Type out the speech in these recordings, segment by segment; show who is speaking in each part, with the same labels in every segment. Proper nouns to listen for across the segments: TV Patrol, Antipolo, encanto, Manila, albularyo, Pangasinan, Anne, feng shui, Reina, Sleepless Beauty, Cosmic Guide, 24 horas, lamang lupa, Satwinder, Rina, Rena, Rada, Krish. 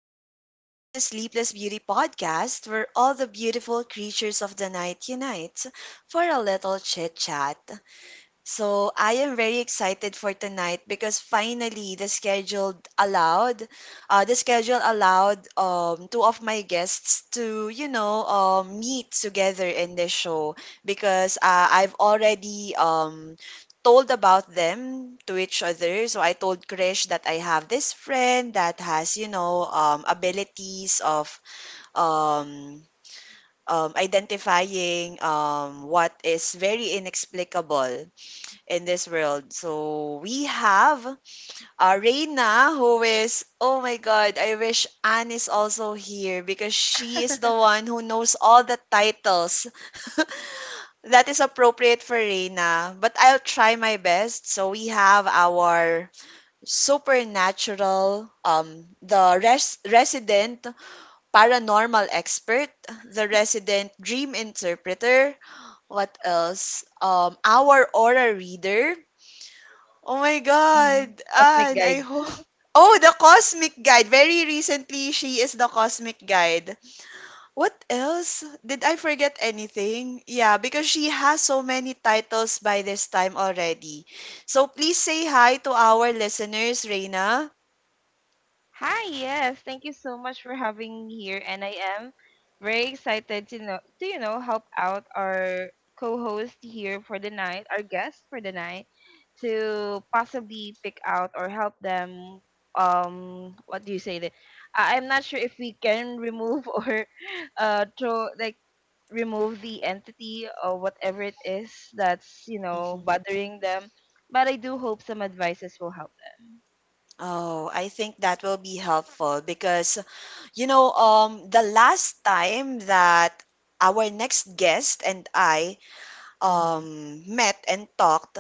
Speaker 1: Welcome back to the Sleepless Beauty podcast, where all the beautiful creatures of the night unite for a little chit chat. So I am very excited for tonight because finally the schedule allowed, two of my guests to meet together in the show because I've already told about them to each other. So I told Krish that I have this friend that has abilities of um, identifying what is very inexplicable in this world. So we have Reina, who is, oh my God, I wish Anne is also here because she is the one who knows all the titles that is appropriate for Reina. But I'll try my best. So we have our supernatural, resident paranormal expert, the resident dream interpreter. What else? Our aura reader. Oh my
Speaker 2: Mhm.
Speaker 1: God,
Speaker 2: Cosmic
Speaker 1: Anne, I
Speaker 2: Guide.
Speaker 1: hope. Oh, the Cosmic Guide. Very recently, she is the Cosmic Guide. What else? Did I forget anything? Yeah, because she has so many titles by this time already. So please say hi to our listeners, Reina.
Speaker 2: Hi, yes. Thank you so much for having me here and I am very excited to know to you know help out our co-host here for the night, our guest for the night, to possibly pick out or help them, what do you say that, I'm not sure if we can remove or throw like remove the entity or whatever it is that's
Speaker 1: Mhm.
Speaker 2: bothering them, but I do hope some advices will help them.
Speaker 1: Oh, I think that will be helpful because, the last time that our next guest and I
Speaker 2: Mhm.
Speaker 1: met and talked,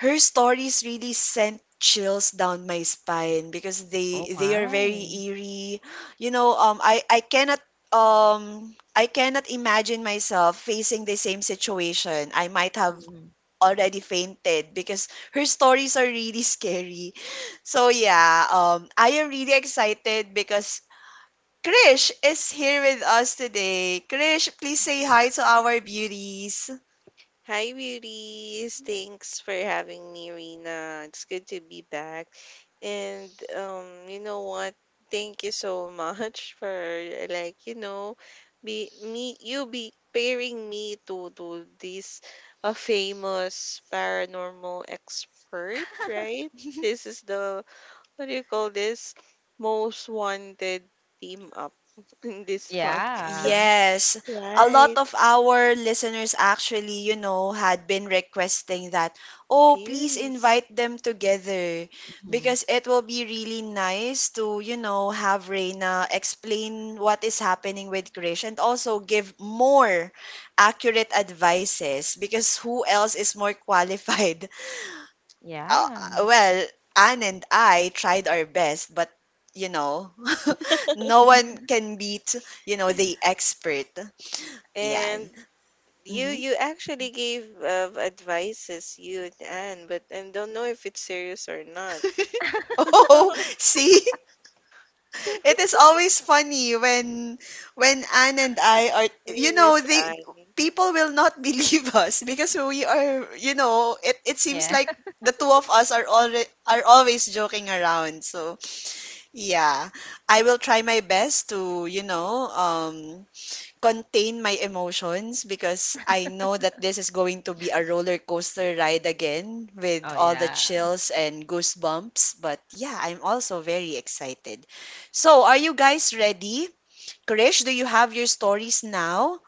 Speaker 1: her stories really sent chills down my spine because
Speaker 2: Oh
Speaker 1: they are very
Speaker 2: my.
Speaker 1: eerie. You know, I cannot I cannot imagine myself facing the same situation. I might have
Speaker 2: Mhm.
Speaker 1: already fainted because her stories are really scary. So yeah, I am really excited because Krish is here with us today. Krish, please say
Speaker 3: Mhm.
Speaker 1: hi to our beauties.
Speaker 3: Hi, beauties. Thanks for having me, Rena. It's good to be back. And, you know what? Thank you so much for, like, you know, be me you be pairing me to this, a famous paranormal expert, right? This is the, what do you call this, most wanted team up in this
Speaker 2: Yeah.
Speaker 3: podcast.
Speaker 1: Yes, a lot
Speaker 3: Right.
Speaker 1: of our listeners actually, you know, had been requesting that, oh, please
Speaker 3: Yes.
Speaker 1: invite them together
Speaker 2: Mhm.
Speaker 1: because it will be really nice to, you know, have Reina explain what is happening with Krish and also give more accurate advices because who else is more qualified? uh,
Speaker 2: Yeah.
Speaker 1: well, Anne and I tried our best, but you know, no one can beat, you know, the expert. Yan.
Speaker 3: And you
Speaker 1: Hmm.
Speaker 3: you actually gave advices, you and Anne, but I don't know if it's serious or not.
Speaker 1: Oh, see?
Speaker 3: I
Speaker 1: It is always funny when Anne and I are you know
Speaker 3: miss
Speaker 1: they
Speaker 3: Anne.
Speaker 1: people will not believe us because we are you know it seems
Speaker 2: Yeah.
Speaker 1: like the two of us are already are always joking around, so yeah. I will try my best to contain my emotions because I know that this is going to be a roller coaster ride again with
Speaker 2: Oh,
Speaker 1: all the
Speaker 2: yeah.
Speaker 1: chills and goosebumps. But yeah, I'm also very excited. So, are you guys ready? Krish, do you have your stories now?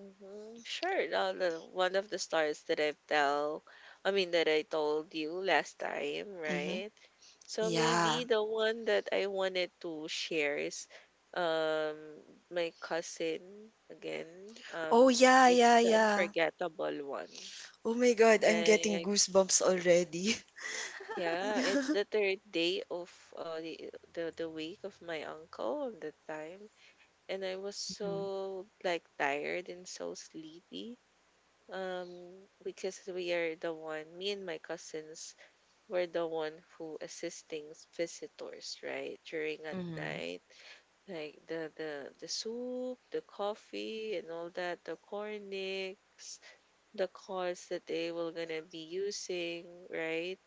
Speaker 3: Mhm. Sure. One of the stories that I've tell, I mean that I told you last time,
Speaker 1: Mm-hmm.
Speaker 3: right? So
Speaker 1: Yeah.
Speaker 3: maybe the one that I wanted to share is um my cousin again.
Speaker 1: Oh,
Speaker 3: Um,
Speaker 1: yeah,
Speaker 3: it's
Speaker 1: yeah,
Speaker 3: the
Speaker 1: yeah.
Speaker 3: unforgettable one.
Speaker 1: Oh my God, I'm getting
Speaker 3: Like,
Speaker 1: goosebumps already.
Speaker 3: yeah,
Speaker 1: Yeah.
Speaker 3: it's the third day of uh the the wake of my uncle at the time, and I was
Speaker 2: Mhm.
Speaker 3: so like tired and so sleepy, um because we are the one, me and my cousins, were the one who assisting visitors, right, during at
Speaker 2: Mhm.
Speaker 3: night, like the, the soup, the coffee and all that, the cornix, the cards that they were gonna be using, right.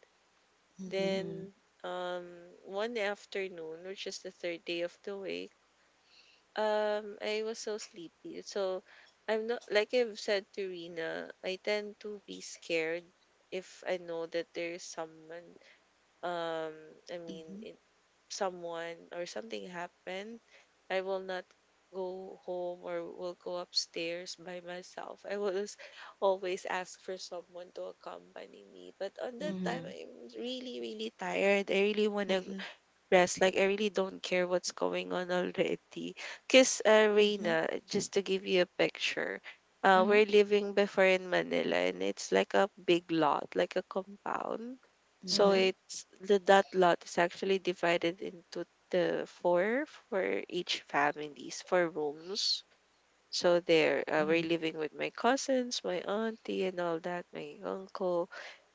Speaker 1: Mm-hmm.
Speaker 2: Mhm.
Speaker 3: Then, um one afternoon, which is the third day of the week, I was so sleepy. So I'm not, like I've said to Rina, I tend to be scared if I know that there's someone, um I mean,
Speaker 1: Mm-hmm.
Speaker 3: someone or something happened. I will not go home or will go upstairs by myself. I will just always ask for someone to accompany me. But on that
Speaker 1: Mm-hmm.
Speaker 3: time
Speaker 2: Mhm.
Speaker 3: I'm really, really tired. I really wanna
Speaker 1: Mm-hmm.
Speaker 3: rest. Like, I really don't care what's going on already. Cause, Reina, just to give you a picture,
Speaker 2: Mhm.
Speaker 3: we're living before in Manila, and it's like a big lot, like a compound. So
Speaker 1: Mm-hmm.
Speaker 2: Mhm.
Speaker 3: it's the that lot is actually divided into the four for each families, four rooms. So there, we're
Speaker 2: Mhm.
Speaker 3: living with my cousins, my auntie and all that, my uncle.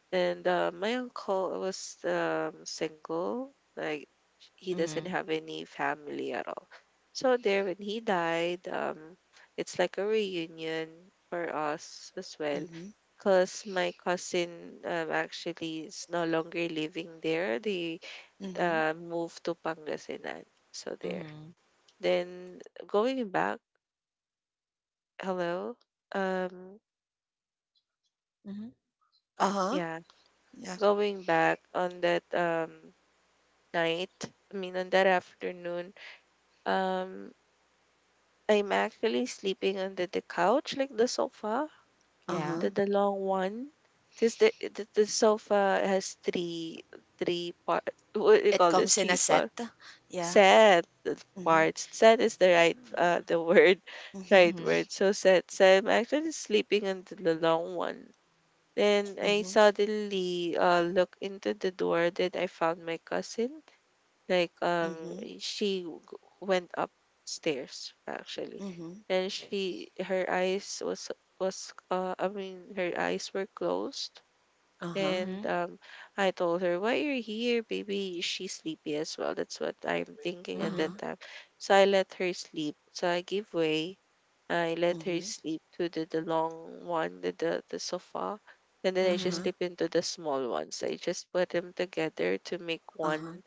Speaker 3: And, my uncle was, single, like, he doesn't
Speaker 2: Mhm.
Speaker 3: have any family at all. So there, when he died, it's like a reunion for us as well,
Speaker 1: Mm-hmm.
Speaker 3: because my cousin, actually is no longer living there. They,
Speaker 1: Mm-hmm.
Speaker 3: moved to Pangasinan, so there.
Speaker 2: Mhm.
Speaker 3: Then, going back, hello, um,
Speaker 2: Mhm.
Speaker 1: Uh-huh.
Speaker 3: yeah,
Speaker 1: Yeah.
Speaker 3: going back on that, night, I mean, on that afternoon, um, I'm actually sleeping under the couch, like the sofa,
Speaker 2: Yeah.
Speaker 1: Uh-huh.
Speaker 3: the long one, because the, the sofa has three part. What do you
Speaker 1: It
Speaker 3: call this?
Speaker 1: comes in
Speaker 3: Three
Speaker 1: a
Speaker 3: part
Speaker 1: set. Yeah.
Speaker 3: set, the
Speaker 1: Mhm.
Speaker 3: parts. Set is the right the word,
Speaker 1: Mhm.
Speaker 3: right
Speaker 2: Mhm.
Speaker 3: word. So, set. So I'm actually sleeping under the long one. Then I
Speaker 1: Mhm.
Speaker 3: suddenly look into the door. Then I found my cousin. Like,
Speaker 1: Mhm.
Speaker 3: she went upstairs actually.
Speaker 1: Mhm.
Speaker 3: And she her eyes was I mean, her eyes were closed.
Speaker 1: Uh-huh.
Speaker 3: And,
Speaker 2: Mhm.
Speaker 3: I told her, why you're here, baby? She's sleepy as well, that's what I'm thinking at
Speaker 2: Mhm.
Speaker 3: that
Speaker 1: Uh-huh.
Speaker 3: time. So I let her sleep, so I give way, I let her
Speaker 1: Mhm.
Speaker 3: sleep to the long one, the, the sofa. And then I just
Speaker 2: Mhm.
Speaker 1: Uh-huh.
Speaker 3: slip into the small ones. I just put them together to make
Speaker 1: Uh-huh.
Speaker 3: one,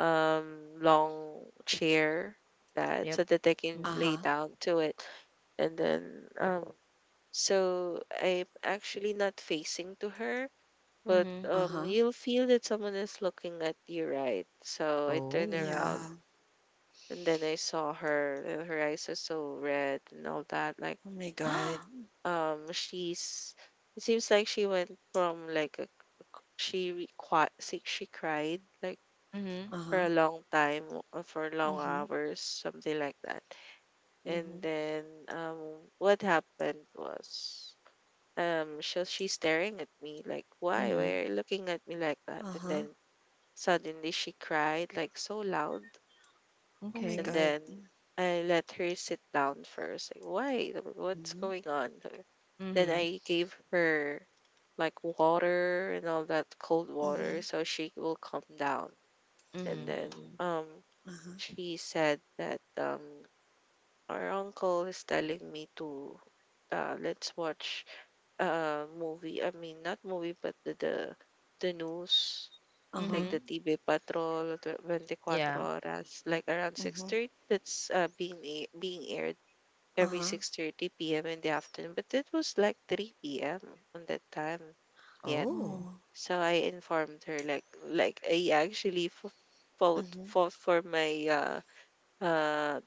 Speaker 3: long chair, that
Speaker 2: Yep.
Speaker 3: so that they can
Speaker 2: Mhm.
Speaker 1: Uh-huh.
Speaker 3: lay down to it. And then, so I'm actually not facing to her, but,
Speaker 2: Mhm.
Speaker 1: Uh-huh.
Speaker 3: you'll feel that someone is looking at you, right? So I turn
Speaker 2: Oh.
Speaker 3: around,
Speaker 1: Yeah.
Speaker 3: and then I saw her, and her eyes are so red and all that. Like,
Speaker 1: Oh my God.
Speaker 3: she's it seems like she went from like a, she re- qui- she cried like
Speaker 2: Mhm.
Speaker 3: for
Speaker 1: Uh-huh.
Speaker 3: a long time or for long
Speaker 1: Mhm.
Speaker 3: hours, something like that. And
Speaker 1: Mhm.
Speaker 3: then, um, what happened was, she's staring at me like, why? Why
Speaker 2: Mhm.
Speaker 3: are you looking at me like that? And then
Speaker 1: Uh-huh.
Speaker 3: suddenly she cried like so loud.
Speaker 1: Oh my
Speaker 2: Okay.
Speaker 3: And
Speaker 1: God.
Speaker 3: then I let her sit down first. Like, why? Sabi ko, what's
Speaker 1: Mhm.
Speaker 3: going on? Sabi ko. Then
Speaker 2: Mhm.
Speaker 3: I gave her like water and all that, cold water,
Speaker 1: Mhm.
Speaker 3: so she will calm down. And
Speaker 2: Mhm.
Speaker 3: then,
Speaker 2: Mhm.
Speaker 3: um
Speaker 1: Uh-huh.
Speaker 3: she said that, our uncle is telling me to, let's watch a movie. I mean, not movie, but the, news, like
Speaker 1: Uh-huh.
Speaker 3: the
Speaker 2: Mhm.
Speaker 3: TV Patrol, 24
Speaker 2: Yeah.
Speaker 3: horas, like around
Speaker 1: Mhm.
Speaker 3: 6:30. That's, being being aired every
Speaker 1: Uh-huh.
Speaker 3: 6:30 p.m. in the afternoon, but it was like 3 p.m. on that time yet.
Speaker 2: Oh.
Speaker 1: Oh.
Speaker 3: So I informed her, like, I actually fought
Speaker 1: Mhm.
Speaker 3: fought for my, uh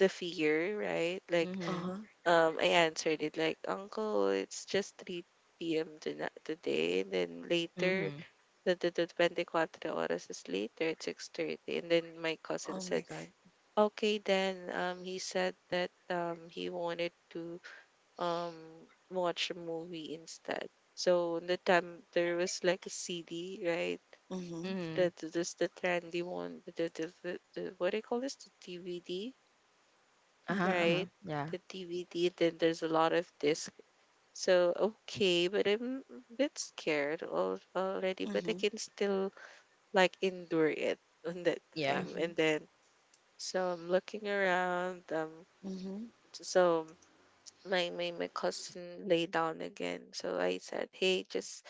Speaker 3: the fear, right? Like,
Speaker 2: Mhm.
Speaker 1: Uh-huh.
Speaker 3: I answered it like, Uncle, it's just 3 p.m. tonight, today. And then later,
Speaker 2: Mhm.
Speaker 3: the, the 24 hours is later at 6:30. And then my cousin
Speaker 1: Oh
Speaker 3: said,
Speaker 1: my God.
Speaker 3: okay, then, he said that, he wanted to, um, watch a movie instead. So the time there was like a CD, right?
Speaker 1: Mhm.
Speaker 2: Mhm.
Speaker 3: The, this the trendy one, the what do you call this? The DVD,
Speaker 2: Uh-huh.
Speaker 1: Mhm.
Speaker 2: Uh-huh.
Speaker 3: right?
Speaker 2: Yeah.
Speaker 3: The DVD, then there's a lot of disc. So, okay, but I'm a bit scared, al already, but I
Speaker 1: Mhm.
Speaker 3: can still like endure it on that
Speaker 2: Yeah.
Speaker 3: time.
Speaker 1: Mhm.
Speaker 3: And then so I'm looking around.
Speaker 1: Mhm.
Speaker 3: So my, cousin lay down again. So I said, hey, just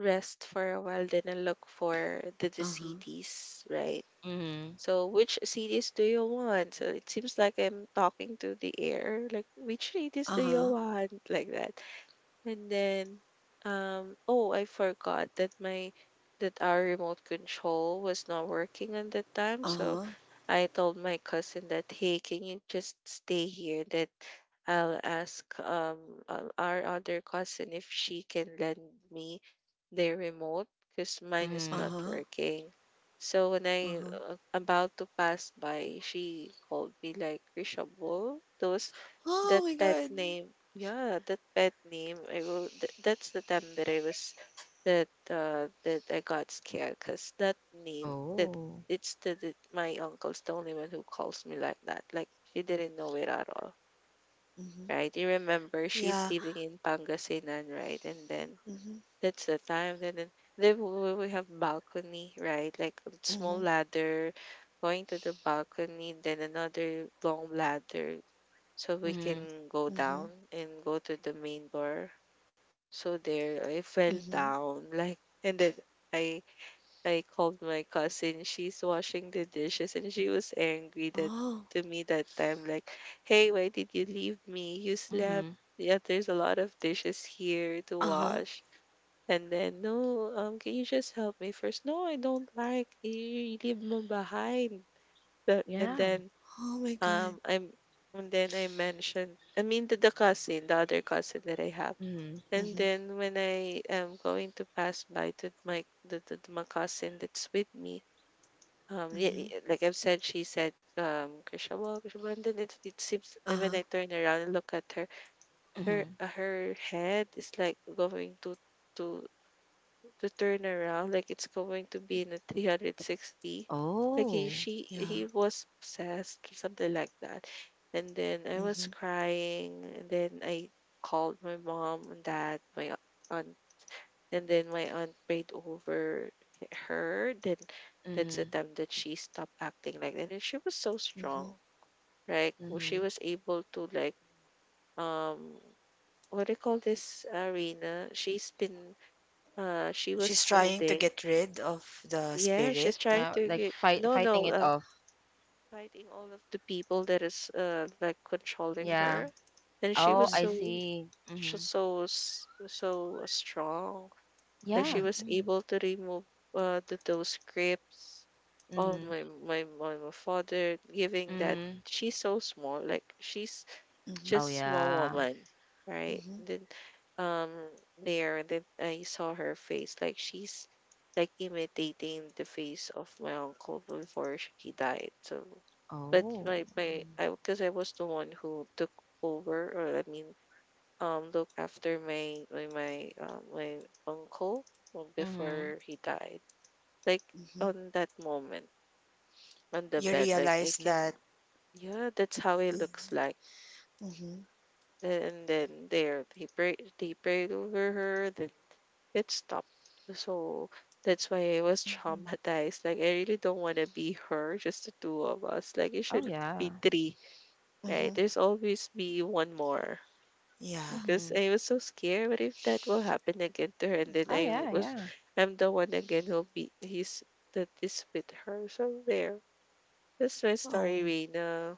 Speaker 3: rest for a while, then I look for the
Speaker 1: Uh-huh.
Speaker 3: CDs, right?
Speaker 2: Mhm.
Speaker 3: So, which CDs do you want? So it seems like I'm talking to the air, like, which CDs do you
Speaker 1: Uh-huh.
Speaker 3: want? Like that. And then, oh, I forgot that my that our remote control was not working at that time. So
Speaker 1: Uh-huh.
Speaker 3: I told my cousin that, hey, can you just stay here? That I'll ask, our other cousin if she can lend me their remote, because mine is not
Speaker 2: Mhm.
Speaker 1: Uh-huh.
Speaker 3: working. So when I,
Speaker 1: Uh-huh.
Speaker 3: about to pass by, she called me, like, reshuffle, those that
Speaker 1: Oh my
Speaker 3: pet
Speaker 1: God.
Speaker 3: name, yeah, that pet name. I will. That's the time that I was, that, I got scared, because that name, that
Speaker 2: Oh.
Speaker 3: it's, the my uncle's the only one who calls me like that. Like, she didn't know it at all,
Speaker 1: Hmm.
Speaker 3: right? You remember she's
Speaker 1: Yeah.
Speaker 3: living in Pangasinan, right? And then,
Speaker 1: Hmm.
Speaker 3: that's the time. Then We have balcony, right? Like, a small
Speaker 1: Hmm.
Speaker 3: ladder going to the balcony, then another long ladder so we
Speaker 2: Mhm.
Speaker 3: can go down
Speaker 1: Hmm.
Speaker 3: and go to the main door. So there, I fell
Speaker 1: Hmm.
Speaker 3: down, like, and then I I called my cousin. She's washing the dishes, and she was angry that
Speaker 1: Oh.
Speaker 3: to me that time. Like, hey, why did you leave me? You slept.
Speaker 2: Mhm.
Speaker 3: Yeah, there's a lot of dishes here to
Speaker 1: Uh-huh.
Speaker 3: wash. And then, no, can you just help me first? No, I don't like you. You leave me behind. That, and
Speaker 2: Yeah.
Speaker 3: then,
Speaker 1: Oh my God.
Speaker 3: I'm, and then I mentioned, I mean, to the cousin, the other cousin that I have.
Speaker 2: Mhm.
Speaker 3: And
Speaker 1: Hmm.
Speaker 3: then when I am going to pass by to my cousin that's with me, yeah,
Speaker 1: Hmm.
Speaker 3: yeah, like I've said, she said, Krishabal, Krishabal, and then it seems and when
Speaker 1: Uh-huh.
Speaker 3: I turn around and look at her, her,
Speaker 2: Mhm.
Speaker 3: her head is like going to, to turn around, like it's going to be in a 360, like,
Speaker 2: Oh.
Speaker 1: Yeah.
Speaker 3: he was possessed, something like that. And then I was
Speaker 1: Hmm.
Speaker 3: crying, and then I called my mom and dad, my aunt. And then my aunt prayed over her, then that's the
Speaker 2: Mhm.
Speaker 3: time that she stopped acting like that, and she was so
Speaker 1: Hmm.
Speaker 3: strong, like, she
Speaker 2: Mhm.
Speaker 3: was able to, like, um what do you call this, arena, she was
Speaker 1: She's trying to
Speaker 3: holding.
Speaker 1: get rid of the
Speaker 3: Yeah, she's
Speaker 1: spirit.
Speaker 3: trying
Speaker 2: Now,
Speaker 3: to
Speaker 2: like
Speaker 3: get,
Speaker 2: fight,
Speaker 3: no,
Speaker 2: fighting
Speaker 3: no,
Speaker 2: it off.
Speaker 3: fighting all of the people that is, like, controlling
Speaker 2: Yeah.
Speaker 3: her, and
Speaker 2: Oh, I
Speaker 1: Hmm.
Speaker 2: see.
Speaker 3: she's
Speaker 2: Mhm.
Speaker 3: so, so strong. Like,
Speaker 1: Hmm.
Speaker 3: she
Speaker 2: Yeah.
Speaker 1: Hmm.
Speaker 3: was
Speaker 2: Mhm.
Speaker 3: able to remove, those grips of
Speaker 2: Mhm.
Speaker 3: my, father, giving that
Speaker 2: Mhm.
Speaker 3: she's so small. Like, she's
Speaker 1: Hmm.
Speaker 2: Oh
Speaker 3: just small
Speaker 2: yeah.
Speaker 3: woman, right? Then, um there that I saw her face, like, she's like imitating the face of my uncle before he died. So, but
Speaker 2: Oh.
Speaker 3: my I, because I was the one who took over, or I mean, look after my uncle,
Speaker 2: Mhm.
Speaker 3: before he died. Like,
Speaker 1: Hmm.
Speaker 3: on that moment on the
Speaker 1: You
Speaker 3: bed, like, I
Speaker 1: realize
Speaker 3: can,
Speaker 1: that.
Speaker 3: yeah, that's how it looks like.
Speaker 1: Hmm.
Speaker 3: And then there they prayed, over her, then it stopped. So that's why I was
Speaker 1: Hmm.
Speaker 3: traumatized. Like, I really don't wanna be her, just the two of us. Like, it
Speaker 2: Oh
Speaker 3: should be
Speaker 2: yeah.
Speaker 3: three, right?
Speaker 1: Hmm.
Speaker 3: There's always be one more.
Speaker 1: Yeah.
Speaker 3: Because
Speaker 2: Mhm.
Speaker 3: I was so scared, what if that will happen again to her? And then
Speaker 2: Oh yeah. Yeah.
Speaker 3: I'm the one again who'll be, he's that is with her. So there. That's my story,
Speaker 1: Oh.
Speaker 3: Reina.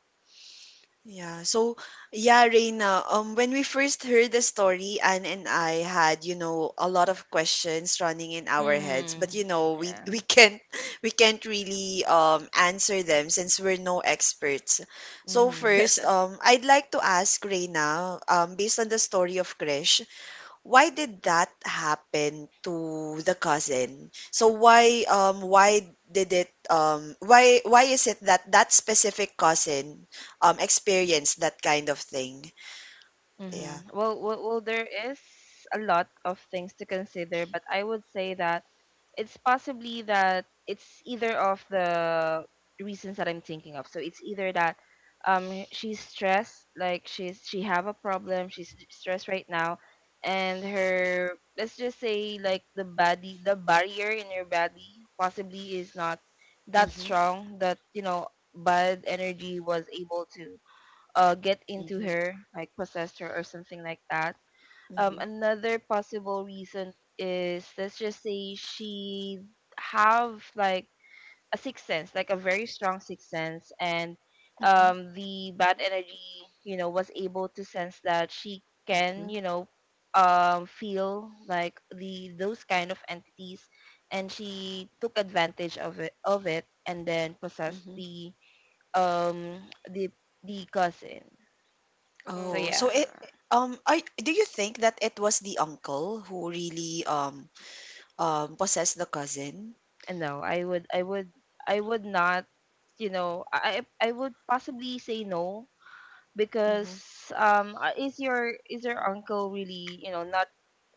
Speaker 1: Yeah. So, yeah, Reina, when we first heard the story, Anne and I had, you know, a lot of questions running in our heads, but you
Speaker 2: Mhm.
Speaker 1: know, we
Speaker 2: Yeah.
Speaker 1: we can't we can't really answer them since we're no experts. So
Speaker 2: Mhm.
Speaker 1: first, I'd like to ask Reina, based on the story of Krish, why did that happen to the cousin? So why did it why is it that that specific cousin experienced that kind of thing? Yeah.
Speaker 2: Mm-hmm. Well, there is a lot of things to consider, but I would say that it's possibly that it's either of the reasons that I'm thinking of. So it's either that she's stressed, like she have a problem, she's stressed right now, and her, let's just say, like the body, the barrier in your body possibly is not that
Speaker 1: Mhm.
Speaker 2: strong, that bad energy was able to get into
Speaker 1: Mhm.
Speaker 2: her, like possessed her or something like that.
Speaker 1: Mhm.
Speaker 2: Another possible reason is, let's just say, she have like a sixth sense, like a very strong sixth sense, and
Speaker 1: Mhm.
Speaker 2: the bad energy, you know, was able to sense that she
Speaker 1: Mhm.
Speaker 2: can, you know, feel like the those kind of entities, and she took advantage of it, and then possessed
Speaker 1: Mhm.
Speaker 2: the um the the cousin. So
Speaker 1: Oh, so
Speaker 2: yeah,
Speaker 1: it
Speaker 3: Mm.
Speaker 1: I do you think that it was the uncle who really possessed the cousin?
Speaker 2: and no, I would not, you know, I would possibly say no because
Speaker 1: Mhm.
Speaker 2: is your uncle really, you know, not?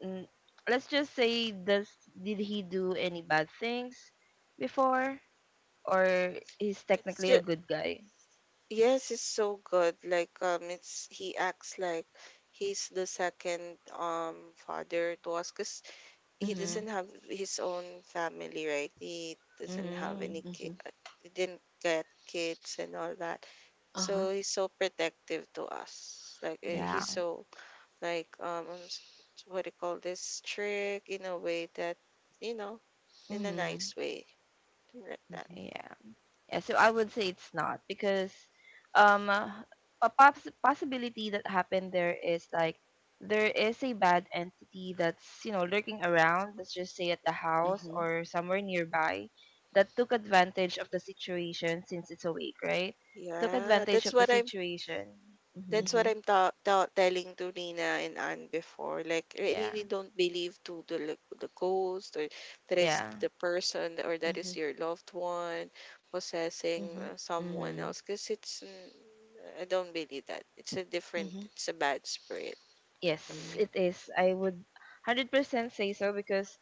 Speaker 2: Mm, let's just say, does did he do any bad things before, or he's
Speaker 3: it's
Speaker 2: technically
Speaker 3: just
Speaker 2: a good guy?
Speaker 3: Yes, it's so good. Like it's he acts like he's the second father to us because he
Speaker 1: Mhm.
Speaker 3: doesn't
Speaker 2: Mhm.
Speaker 3: have his own family, right? He doesn't have
Speaker 2: Mhm.
Speaker 3: any kid,
Speaker 1: Mhm.
Speaker 3: he didn't get kids and all that.
Speaker 1: Uh-huh.
Speaker 3: So he's so protective to us. Like
Speaker 1: Mhm.
Speaker 2: Yeah.
Speaker 3: he's so like what do you call this, strict in a way that, you know, in a
Speaker 2: Mhm.
Speaker 3: nice way, thing like that.
Speaker 1: Mhm.
Speaker 2: Yeah. Yeah, so I would say it's not because um uh, a possibility that happened there is, like, there is a bad entity that's, you know, lurking around, let's just say at the house
Speaker 1: Mhm.
Speaker 2: or somewhere nearby, that took advantage of the situation, since it's awake, right, took
Speaker 3: Yeah,
Speaker 2: advantage
Speaker 3: that's
Speaker 2: of the
Speaker 3: what I'm
Speaker 2: situation. Hmm.
Speaker 3: That's what
Speaker 1: Mhm.
Speaker 3: I'm ta ta telling to Nina and Anne before. Like, I
Speaker 2: Yeah.
Speaker 3: really don't believe to the ghost, or that it's
Speaker 2: Yeah.
Speaker 3: the person or that is
Speaker 1: Mhm.
Speaker 3: your loved one possessing
Speaker 1: Mhm.
Speaker 3: someone
Speaker 2: Hmm.
Speaker 3: else. I don't believe that. It's a different,
Speaker 1: Mhm.
Speaker 3: it's a bad spirit. I
Speaker 2: Yes,
Speaker 3: mean,
Speaker 1: Mm.
Speaker 2: it is, I would 100% say so because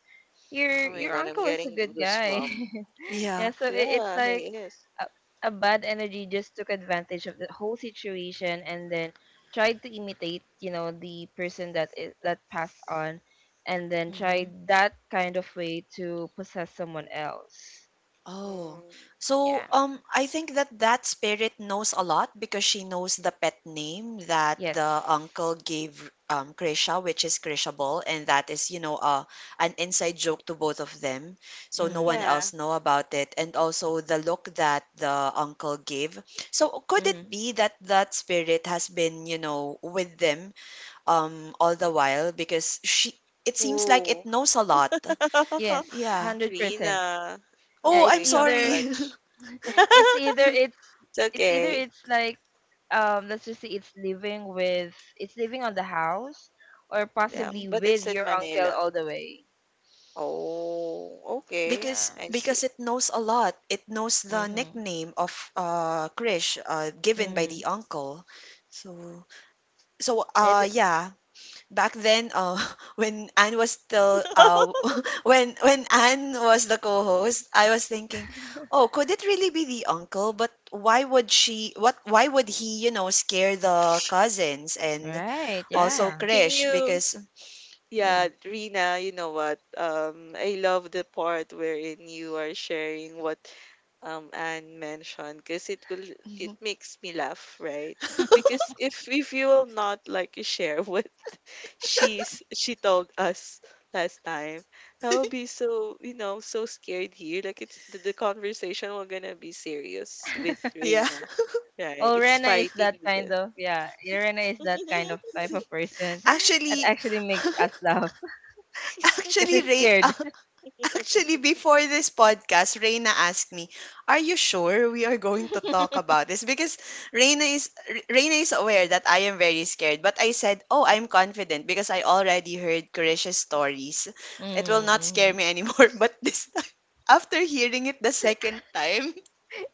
Speaker 3: oh my
Speaker 2: your
Speaker 3: God, I'm
Speaker 2: uncle is a
Speaker 3: getting
Speaker 2: good guy.
Speaker 3: goosebumps.
Speaker 2: Yeah,
Speaker 1: Yeah.
Speaker 2: so it, it's
Speaker 3: Yeah,
Speaker 2: like
Speaker 3: he is.
Speaker 2: a, a bad energy just took advantage of the whole situation and then tried to imitate, you know, the person that is, that passed on, and then tried
Speaker 1: Hmm.
Speaker 2: that kind of way to possess someone else.
Speaker 1: Oh.
Speaker 3: Mm,
Speaker 1: So,
Speaker 2: Yeah.
Speaker 1: I think that that spirit knows a lot because she knows the pet name that
Speaker 2: Yes.
Speaker 1: the uncle gave Krisha, which is Krisha Ball, and that is, you know, an inside joke to both of them. So no one
Speaker 2: Mm.
Speaker 3: yeah.
Speaker 1: else know about it, and also the look that the uncle gave. So could
Speaker 2: Mm-hmm.
Speaker 1: it be that that spirit has been, you know, with them all the while because she it seems like it
Speaker 3: Ooh.
Speaker 1: knows a lot.
Speaker 2: Yes,
Speaker 1: Yeah.
Speaker 2: 100%.
Speaker 3: Rina.
Speaker 2: Uh,
Speaker 1: Oh,
Speaker 3: Oh
Speaker 2: it's
Speaker 3: my
Speaker 1: I'm sorry.
Speaker 2: either
Speaker 3: gosh.
Speaker 2: it's either it's
Speaker 3: It's
Speaker 2: it's either
Speaker 3: okay.
Speaker 2: it's like, um, let's just say it's living with, it's living on the house, or
Speaker 3: Yeah,
Speaker 1: Mhm.
Speaker 2: possibly
Speaker 3: but
Speaker 2: with
Speaker 3: it's in
Speaker 2: your uncle
Speaker 3: Manila.
Speaker 2: all the way.
Speaker 3: Oh, okay.
Speaker 2: Yeah.
Speaker 3: I see.
Speaker 1: Because it knows a lot. It knows the
Speaker 2: Mhm,
Speaker 1: nickname of Krish given by
Speaker 2: mhm.
Speaker 1: the uncle. So so
Speaker 2: And
Speaker 1: yeah, back then when Anne was still when Anne was the co-host, I was thinking, "Oh, could it really be the uncle? But why would he, you know, scare the cousins and
Speaker 2: Right,
Speaker 1: also
Speaker 2: yeah.
Speaker 3: Can
Speaker 1: Krish
Speaker 3: you,
Speaker 1: because yeah.
Speaker 3: yeah, Rina, you know what? I love the part wherein you are sharing what Anne mentioned, because it will, it
Speaker 1: Mhm.
Speaker 3: makes me laugh, right? Because if you will not like share what she told us last time, I will be so, you know, so scared here. Like it's the conversation, we're gonna be serious with
Speaker 1: Yeah.
Speaker 3: Reina, right?
Speaker 2: Oh,
Speaker 3: It's
Speaker 2: Rena is
Speaker 3: fighting
Speaker 2: that kind
Speaker 3: the
Speaker 2: of, yeah, Rena is that kind of type of person that
Speaker 1: Actually,
Speaker 2: actually makes us laugh because
Speaker 1: actually,
Speaker 2: she's
Speaker 1: Ray,
Speaker 2: scared.
Speaker 1: actually, before this podcast, Reina asked me, "Are you sure we are going to talk about this?" Because Reina is Reina is aware that I am very scared, but I said, "Oh, I'm confident because I already heard Kurish's stories. It will not scare
Speaker 2: Mm-hmm.
Speaker 1: me anymore." But this time, after hearing it the second time.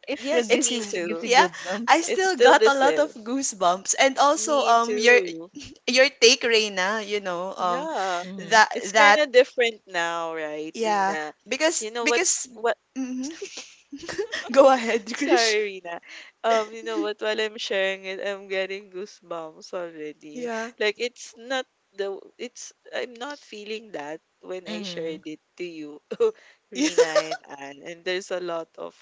Speaker 2: It still
Speaker 3: yes, me
Speaker 2: gives
Speaker 3: too.
Speaker 2: you
Speaker 1: Yeah, I
Speaker 2: goosebumps.
Speaker 3: It's
Speaker 1: still
Speaker 3: still
Speaker 1: got
Speaker 3: the
Speaker 1: a lot of
Speaker 3: same.
Speaker 1: goosebumps. And
Speaker 3: Me
Speaker 1: also your
Speaker 3: too.
Speaker 1: your take Reina, you know,
Speaker 3: Yeah,
Speaker 2: Mm-hmm,
Speaker 3: it's kind
Speaker 1: that
Speaker 3: of different now, right,
Speaker 1: yeah,
Speaker 3: Reina?
Speaker 1: because
Speaker 3: You know what?
Speaker 1: because
Speaker 3: What?
Speaker 1: mhm. Go ahead,
Speaker 3: Sorry,
Speaker 1: Krish.
Speaker 3: Rina. You know what? While I'm sharing it, I'm getting goosebumps already.
Speaker 1: Yeah.
Speaker 3: Like it's not the it's I'm not feeling that when I
Speaker 2: mm-hmm.
Speaker 3: shared it to you,
Speaker 1: Yeah.
Speaker 3: Rina and Anne. And there's a lot of,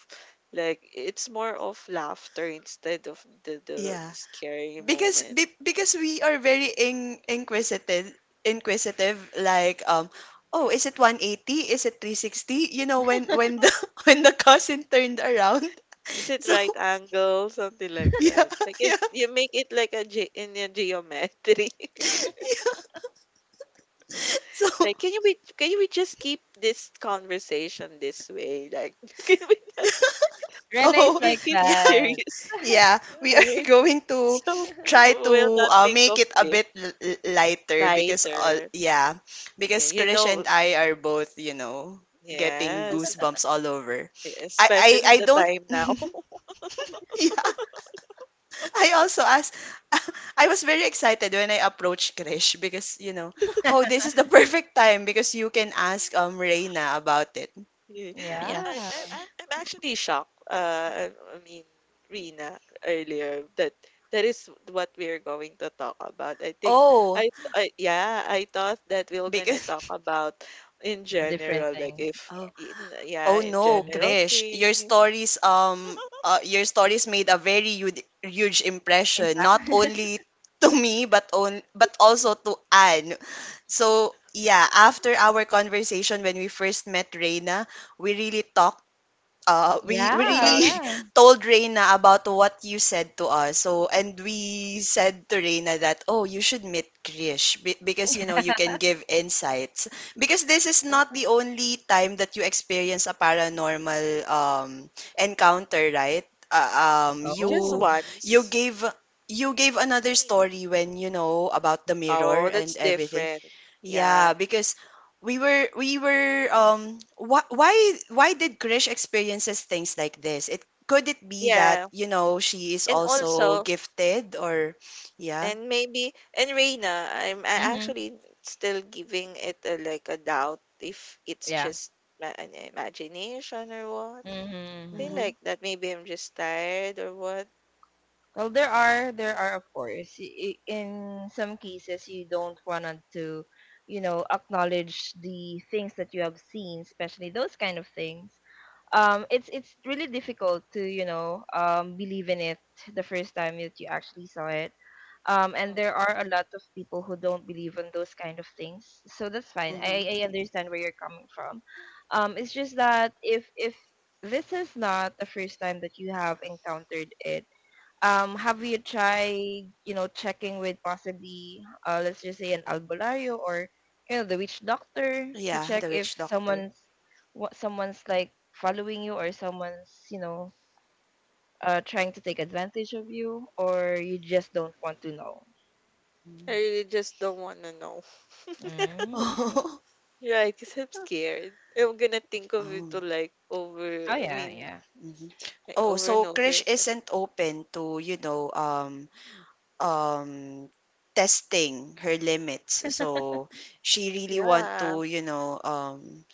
Speaker 3: like, it's more of laughter instead of the the,
Speaker 1: Yeah,
Speaker 3: the scary
Speaker 1: because
Speaker 3: moment.
Speaker 1: because we are very inquisitive, inquisitive. Like, oh, is it 180? Is it 360? You know, when the when the cousin turned around,
Speaker 3: Is it
Speaker 1: so
Speaker 3: right angle? Something like
Speaker 1: yeah,
Speaker 3: that. Like
Speaker 1: yeah,
Speaker 3: it, you make it like a in a geometry.
Speaker 1: yeah. So,
Speaker 3: Like, can you be, can we just keep this conversation this way? Like, can we not
Speaker 1: yeah.
Speaker 2: Rena
Speaker 1: Oh,
Speaker 2: is
Speaker 3: make
Speaker 2: like
Speaker 3: it
Speaker 1: yeah,
Speaker 2: that.
Speaker 3: serious?
Speaker 1: yeah. We are
Speaker 3: Right?
Speaker 1: going to
Speaker 3: So
Speaker 1: try to
Speaker 3: we'll not think
Speaker 1: make
Speaker 3: of
Speaker 1: it a
Speaker 3: it
Speaker 1: bit lighter because all
Speaker 3: lighter.
Speaker 1: yeah, because
Speaker 3: Yeah, you
Speaker 1: Krish
Speaker 3: know,
Speaker 1: and I are both, you know, getting
Speaker 3: yes.
Speaker 1: goosebumps all over. I I
Speaker 3: Especially
Speaker 1: I
Speaker 3: the
Speaker 1: don't
Speaker 3: time now.
Speaker 1: yeah. I also asked, I was very excited when I approached Krish because, you know, oh, this is the perfect time because you can ask Reina about it.
Speaker 3: Yeah.
Speaker 1: Yeah.
Speaker 2: Yeah.
Speaker 3: I'm actually shocked. I mean, Rina, earlier, that that is what we're going to talk about. I think
Speaker 1: Oh,
Speaker 3: I, th- I yeah, I thought that we were gonna talk
Speaker 1: because
Speaker 3: about in
Speaker 2: A different
Speaker 3: general, like
Speaker 2: thing.
Speaker 3: if
Speaker 1: oh,
Speaker 3: in,
Speaker 1: oh
Speaker 3: yeah, in
Speaker 1: no,
Speaker 2: Mm-hmm.
Speaker 3: general
Speaker 1: Krish,
Speaker 3: thing
Speaker 1: your stories made a very huge, huge impression
Speaker 2: Impact.
Speaker 1: not only to me but on but also to Anne. So, yeah, after our conversation when we first met Reina, we really talked we
Speaker 2: Yeah,
Speaker 3: about.
Speaker 1: really
Speaker 2: yeah.
Speaker 1: told Reina about what you said to us. So,
Speaker 3: Mm,
Speaker 1: and we said to Reina that, oh, you should meet Krish because, you know, you can give insights. Because this is not the
Speaker 3: yeah,
Speaker 1: only time that you experience a paranormal encounter, right?
Speaker 3: just
Speaker 1: You
Speaker 2: Oh.
Speaker 1: you
Speaker 3: once.
Speaker 1: gave you gave
Speaker 3: I
Speaker 1: another
Speaker 3: mean,
Speaker 1: story when you know about the mirror
Speaker 3: oh,
Speaker 1: and
Speaker 3: that's
Speaker 1: everything
Speaker 3: different. Yeah,
Speaker 1: yeah, because we were wh why did Krish experiences things like this? It could it be that,
Speaker 3: yeah,
Speaker 1: you know, she is
Speaker 3: and
Speaker 1: also
Speaker 3: also.
Speaker 1: gifted or yeah.
Speaker 3: And maybe, and Reina, I'm, I
Speaker 2: Mm-hmm.
Speaker 3: actually still giving it a, like a doubt, if it's
Speaker 2: Yeah.
Speaker 3: just an imagination or what. Thing
Speaker 2: Mm-hmm.
Speaker 1: Mm-hmm.
Speaker 3: like that. Maybe I'm just tired or what.
Speaker 2: Well, there are of course, in some cases you don't want to, you know, acknowledge the things that you have seen, especially those kind of things. It's really difficult to, you know, believe in it the first time that you actually saw it. And
Speaker 3: Mm.
Speaker 2: there are a lot of people who don't believe in those kind of things, so that's fine.
Speaker 1: Mm-hmm.
Speaker 2: I understand where you're coming from. It's just that if this is not the first time that you have encountered it, have you tried, you know, checking with possibly, let's just say an albularyo or, you know, the witch doctor to
Speaker 1: Yeah,
Speaker 2: check
Speaker 1: the
Speaker 2: if
Speaker 1: witch doctor.
Speaker 2: someone's, what someone's like following you, or someone's, you know, trying to take advantage of you, or you just don't want to know?
Speaker 3: I
Speaker 1: Mm.
Speaker 3: really just don't want to know.
Speaker 2: Mm, I see.
Speaker 1: Oh.
Speaker 3: Right, because I'm scared. I'm gonna think of it
Speaker 1: Oh.
Speaker 3: to like over,
Speaker 2: Oh
Speaker 3: I
Speaker 2: yeah,
Speaker 3: mean,
Speaker 2: yeah.
Speaker 1: Mm-hmm.
Speaker 3: like,
Speaker 1: Oh,
Speaker 3: over and
Speaker 1: so
Speaker 3: over
Speaker 1: Krish
Speaker 3: again.
Speaker 1: isn't open to, you know, um testing her limits. So she really want
Speaker 3: Yeah,
Speaker 1: to, you know,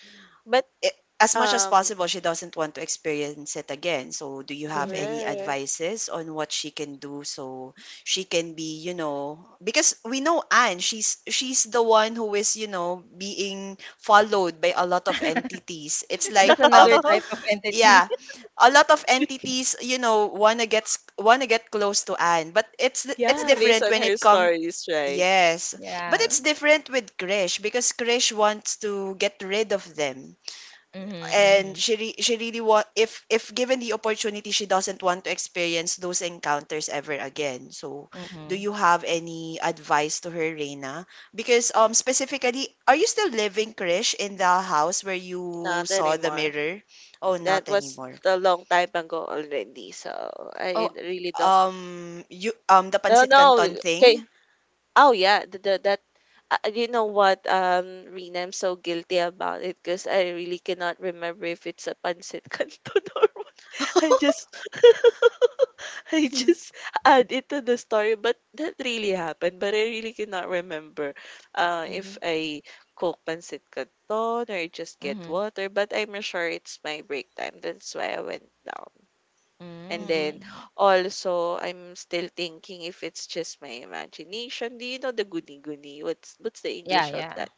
Speaker 3: but
Speaker 1: I- as much as
Speaker 3: um,
Speaker 1: possible, she doesn't want to experience it again. So, do you have any
Speaker 2: Mm-hmm.
Speaker 3: correct.
Speaker 1: advices on what she can do so she can be, you know, because we know Anne, she's the one who is, you know, being followed by a lot of entities. It's
Speaker 2: That's
Speaker 1: like
Speaker 2: another type of entity.
Speaker 1: yeah, a lot of entities, you know, wanna get close to Anne, but it's
Speaker 3: Yeah, based
Speaker 1: different
Speaker 3: on
Speaker 1: when
Speaker 3: her
Speaker 1: it comes
Speaker 3: stories, right?
Speaker 1: yes, but
Speaker 2: Yeah.
Speaker 1: it's different with Krish because Krish wants to get rid of them
Speaker 2: Mm-hmm.
Speaker 1: and
Speaker 2: Mm-hmm.
Speaker 1: she really want if given the opportunity she doesn't want to experience those encounters ever again so do
Speaker 2: Mm-hmm.
Speaker 1: you have any advice to her Reina because specifically are you still living Krish in the house where you
Speaker 3: Not
Speaker 1: saw the
Speaker 3: anymore.
Speaker 1: mirror oh
Speaker 3: That
Speaker 1: not
Speaker 3: was
Speaker 1: anymore
Speaker 3: a long time ago already, so I
Speaker 1: oh
Speaker 3: really don't.
Speaker 1: you the
Speaker 3: No,
Speaker 1: pancit
Speaker 3: no,
Speaker 1: canton
Speaker 3: okay.
Speaker 1: thing
Speaker 3: Oh yeah, the that you know what, Rina, I'm so guilty about it because I really cannot remember if it's a pancit canton or what. I just I
Speaker 1: yeah
Speaker 3: just add it to the story, but that really happened. But I really cannot remember
Speaker 1: mhm
Speaker 3: if I cook pancit canton or just get
Speaker 2: Mm-hmm.
Speaker 3: water. But I'm sure it's my break time. That's why I went down. And
Speaker 2: Mm, I
Speaker 1: mhm
Speaker 3: then
Speaker 2: see.
Speaker 3: also I'm still thinking if it's just my imagination. Do you know the goody-goody? What's the
Speaker 2: Yeah.
Speaker 3: English of
Speaker 2: Yeah.
Speaker 3: that?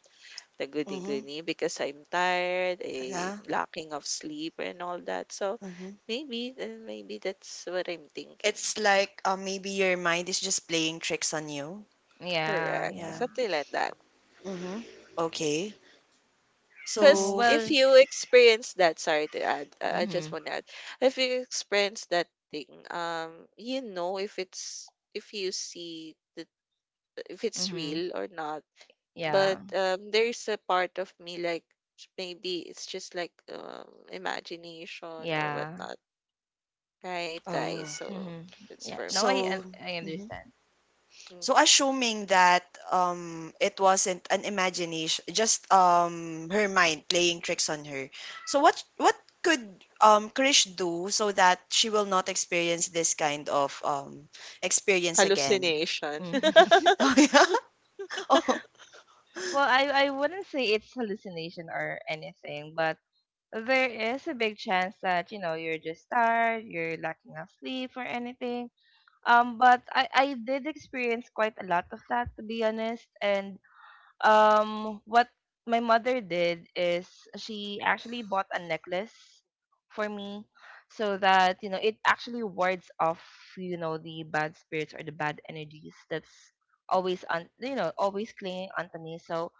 Speaker 3: The
Speaker 1: mhm
Speaker 3: goody-goody, because I'm tired, a
Speaker 1: yeah
Speaker 3: lacking of sleep and all that. So
Speaker 1: mhm
Speaker 3: maybe, then maybe that's what I'm thinking.
Speaker 1: it's like maybe your mind is just playing tricks on you
Speaker 2: Yeah.
Speaker 3: Correct.
Speaker 2: Yeah.
Speaker 1: yeah.
Speaker 3: Something like that.
Speaker 1: Mm-hmm. Okay.
Speaker 2: Hmm,
Speaker 3: Because
Speaker 1: So,
Speaker 3: if
Speaker 2: well.
Speaker 3: you experience that, sorry to add, I just
Speaker 2: Mm-hmm.
Speaker 3: want to add, if you experience that thing, you know if it's, if you see that, if it's
Speaker 2: Mm-hmm.
Speaker 3: real or not.
Speaker 2: Yeah.
Speaker 3: But, there's a part of me, like, maybe it's just like, imagination or
Speaker 2: Yeah.
Speaker 3: whatnot, right,
Speaker 1: oh,
Speaker 3: guys? So,
Speaker 2: Mm-hmm.
Speaker 3: it's
Speaker 2: Yeah.
Speaker 3: for
Speaker 2: Now
Speaker 3: me.
Speaker 1: so,
Speaker 2: I
Speaker 1: mhm.
Speaker 2: understand.
Speaker 1: So
Speaker 3: Mhm.
Speaker 1: assuming that it wasn't an imagination, just her mind playing tricks on her. So what could Krish do so that she will not experience this kind of experience again?
Speaker 3: Hallucination.
Speaker 2: Mm-hmm.
Speaker 1: Oh yeah. Oh.
Speaker 2: Well, I wouldn't say it's hallucination or anything, but there is a big chance that, you know, you're just tired, you're lacking of sleep or anything. But I did experience quite a lot of that, to be honest, and um, what my mother did is, she actually bought a necklace for me, so that, you know, it actually wards off, you know, the bad spirits or the bad energies that's always on, you know, always clinging onto me. So